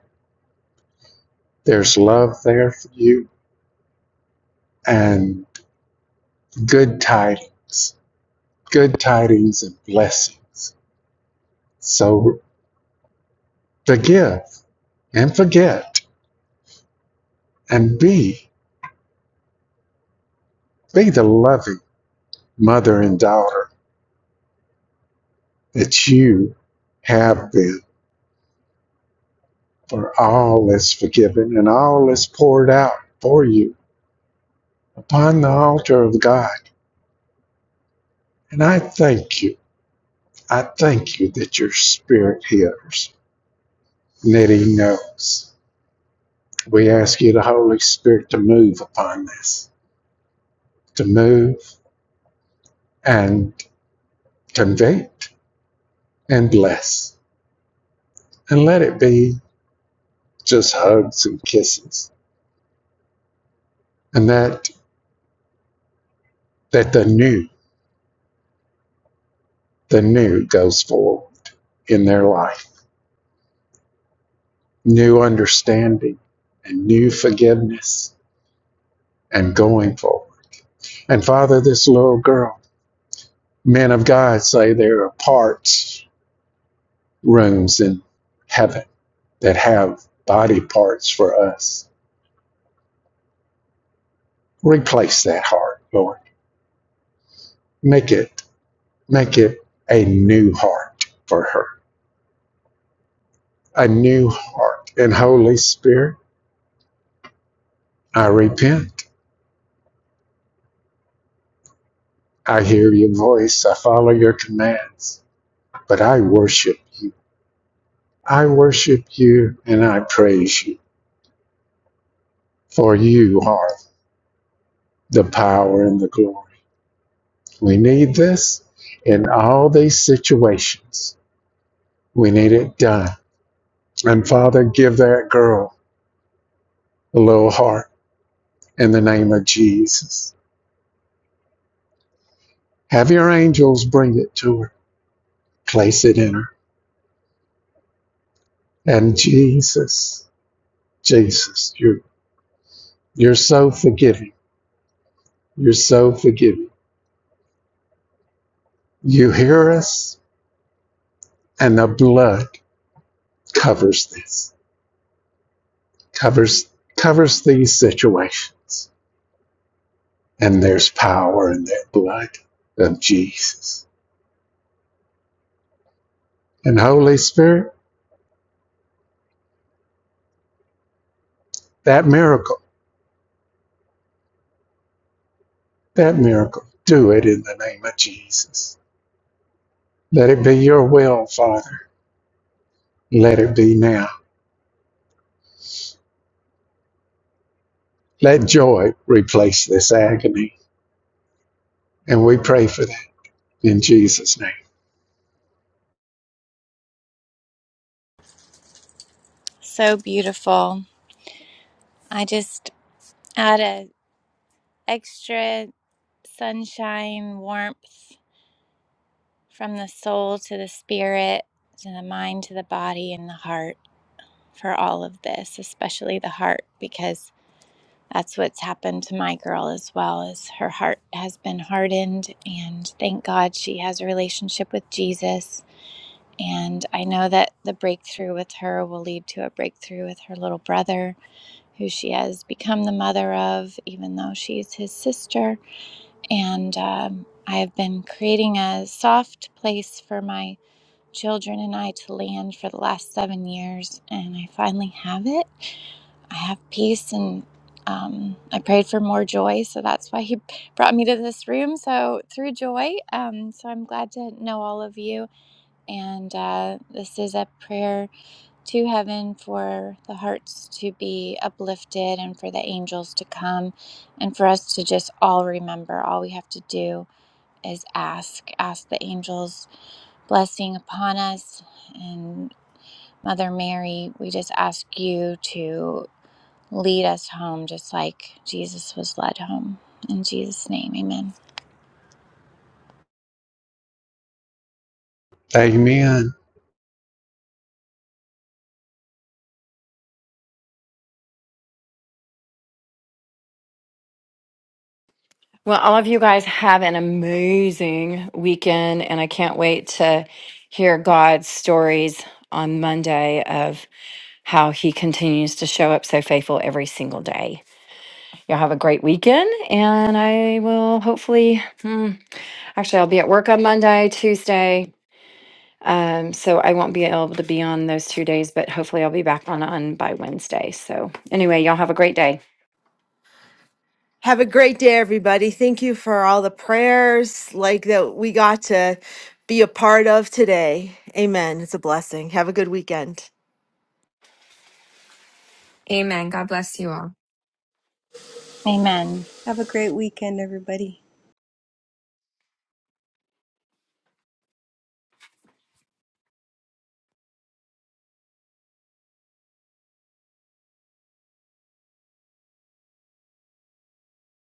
Speaker 8: There's love there for you and good tidings, good tidings and blessings. So forgive and forget and be be the loving mother and daughter, that you have been, for all is forgiven and all is poured out for you upon the altar of God. And I thank you. I thank you that your spirit hears and that he knows. We ask you, the Holy Spirit, to move upon this, to move and convict and bless. And let it be just hugs and kisses. And that that the new, the new goes forward in their life, new understanding and new forgiveness and going forward. And Father, this little girl, men of God say there are parts rooms in heaven that have body parts for us. Replace that heart, Lord. Make it make it a new heart for her. A new heart. And Holy Spirit, I repent. I hear your voice. I follow your commands. But I worship you I worship you and I praise you, for you are the power and the glory. We need this in all these situations. We need it done. And Father, give that girl a little heart in the name of Jesus. Have your angels bring it to her, place it in her. And Jesus, Jesus, you're, you're so forgiving. You're so forgiving. You hear us, and the blood covers this. covers covers these situations. And there's power in that blood of Jesus. And Holy Spirit, that miracle, that miracle, do it in the name of Jesus. Let it be your will, Father. Let it be now. Let joy replace this agony. And we pray for that in Jesus' name.
Speaker 7: So beautiful. I just I had a extra sunshine, warmth from the soul to the spirit, to the mind, to the body, and the heart for all of this, especially the heart, because that's what's happened to my girl as well is her heart has been hardened and thank god she has a relationship with jesus and i know that the breakthrough with her will lead to a breakthrough with her little brother who she has become the mother of even though she's his sister And um, I have been creating a soft place for my children and I to land for the last seven years. And I finally have it. I have peace and um, I prayed for more joy. So that's why he [LAUGHS] brought me to this room. So through joy. Um, so I'm glad to know all of you. And uh, this is a prayer to heaven for the hearts to be uplifted and for the angels to come and for us to just all remember all we have to do is ask. Ask the angels' blessing upon us. And Mother Mary, we just ask you to lead us home just like Jesus was led home. In Jesus' name, amen.
Speaker 8: Amen.
Speaker 6: Well, all of you guys have an amazing weekend, and I can't wait to hear God's stories on Monday of how he continues to show up so faithful every single day. Y'all have a great weekend, and I will hopefully, hmm, actually, I'll be at work on Monday, Tuesday. Um, so I won't be able to be on those two days, but hopefully I'll be back on on by Wednesday. So anyway, y'all have a great day.
Speaker 2: have a great day everybody thank you for all the prayers like that we got to be a part of today amen it's a blessing have a good weekend
Speaker 9: Amen. God bless you all.
Speaker 7: Amen.
Speaker 4: Have a great weekend, everybody.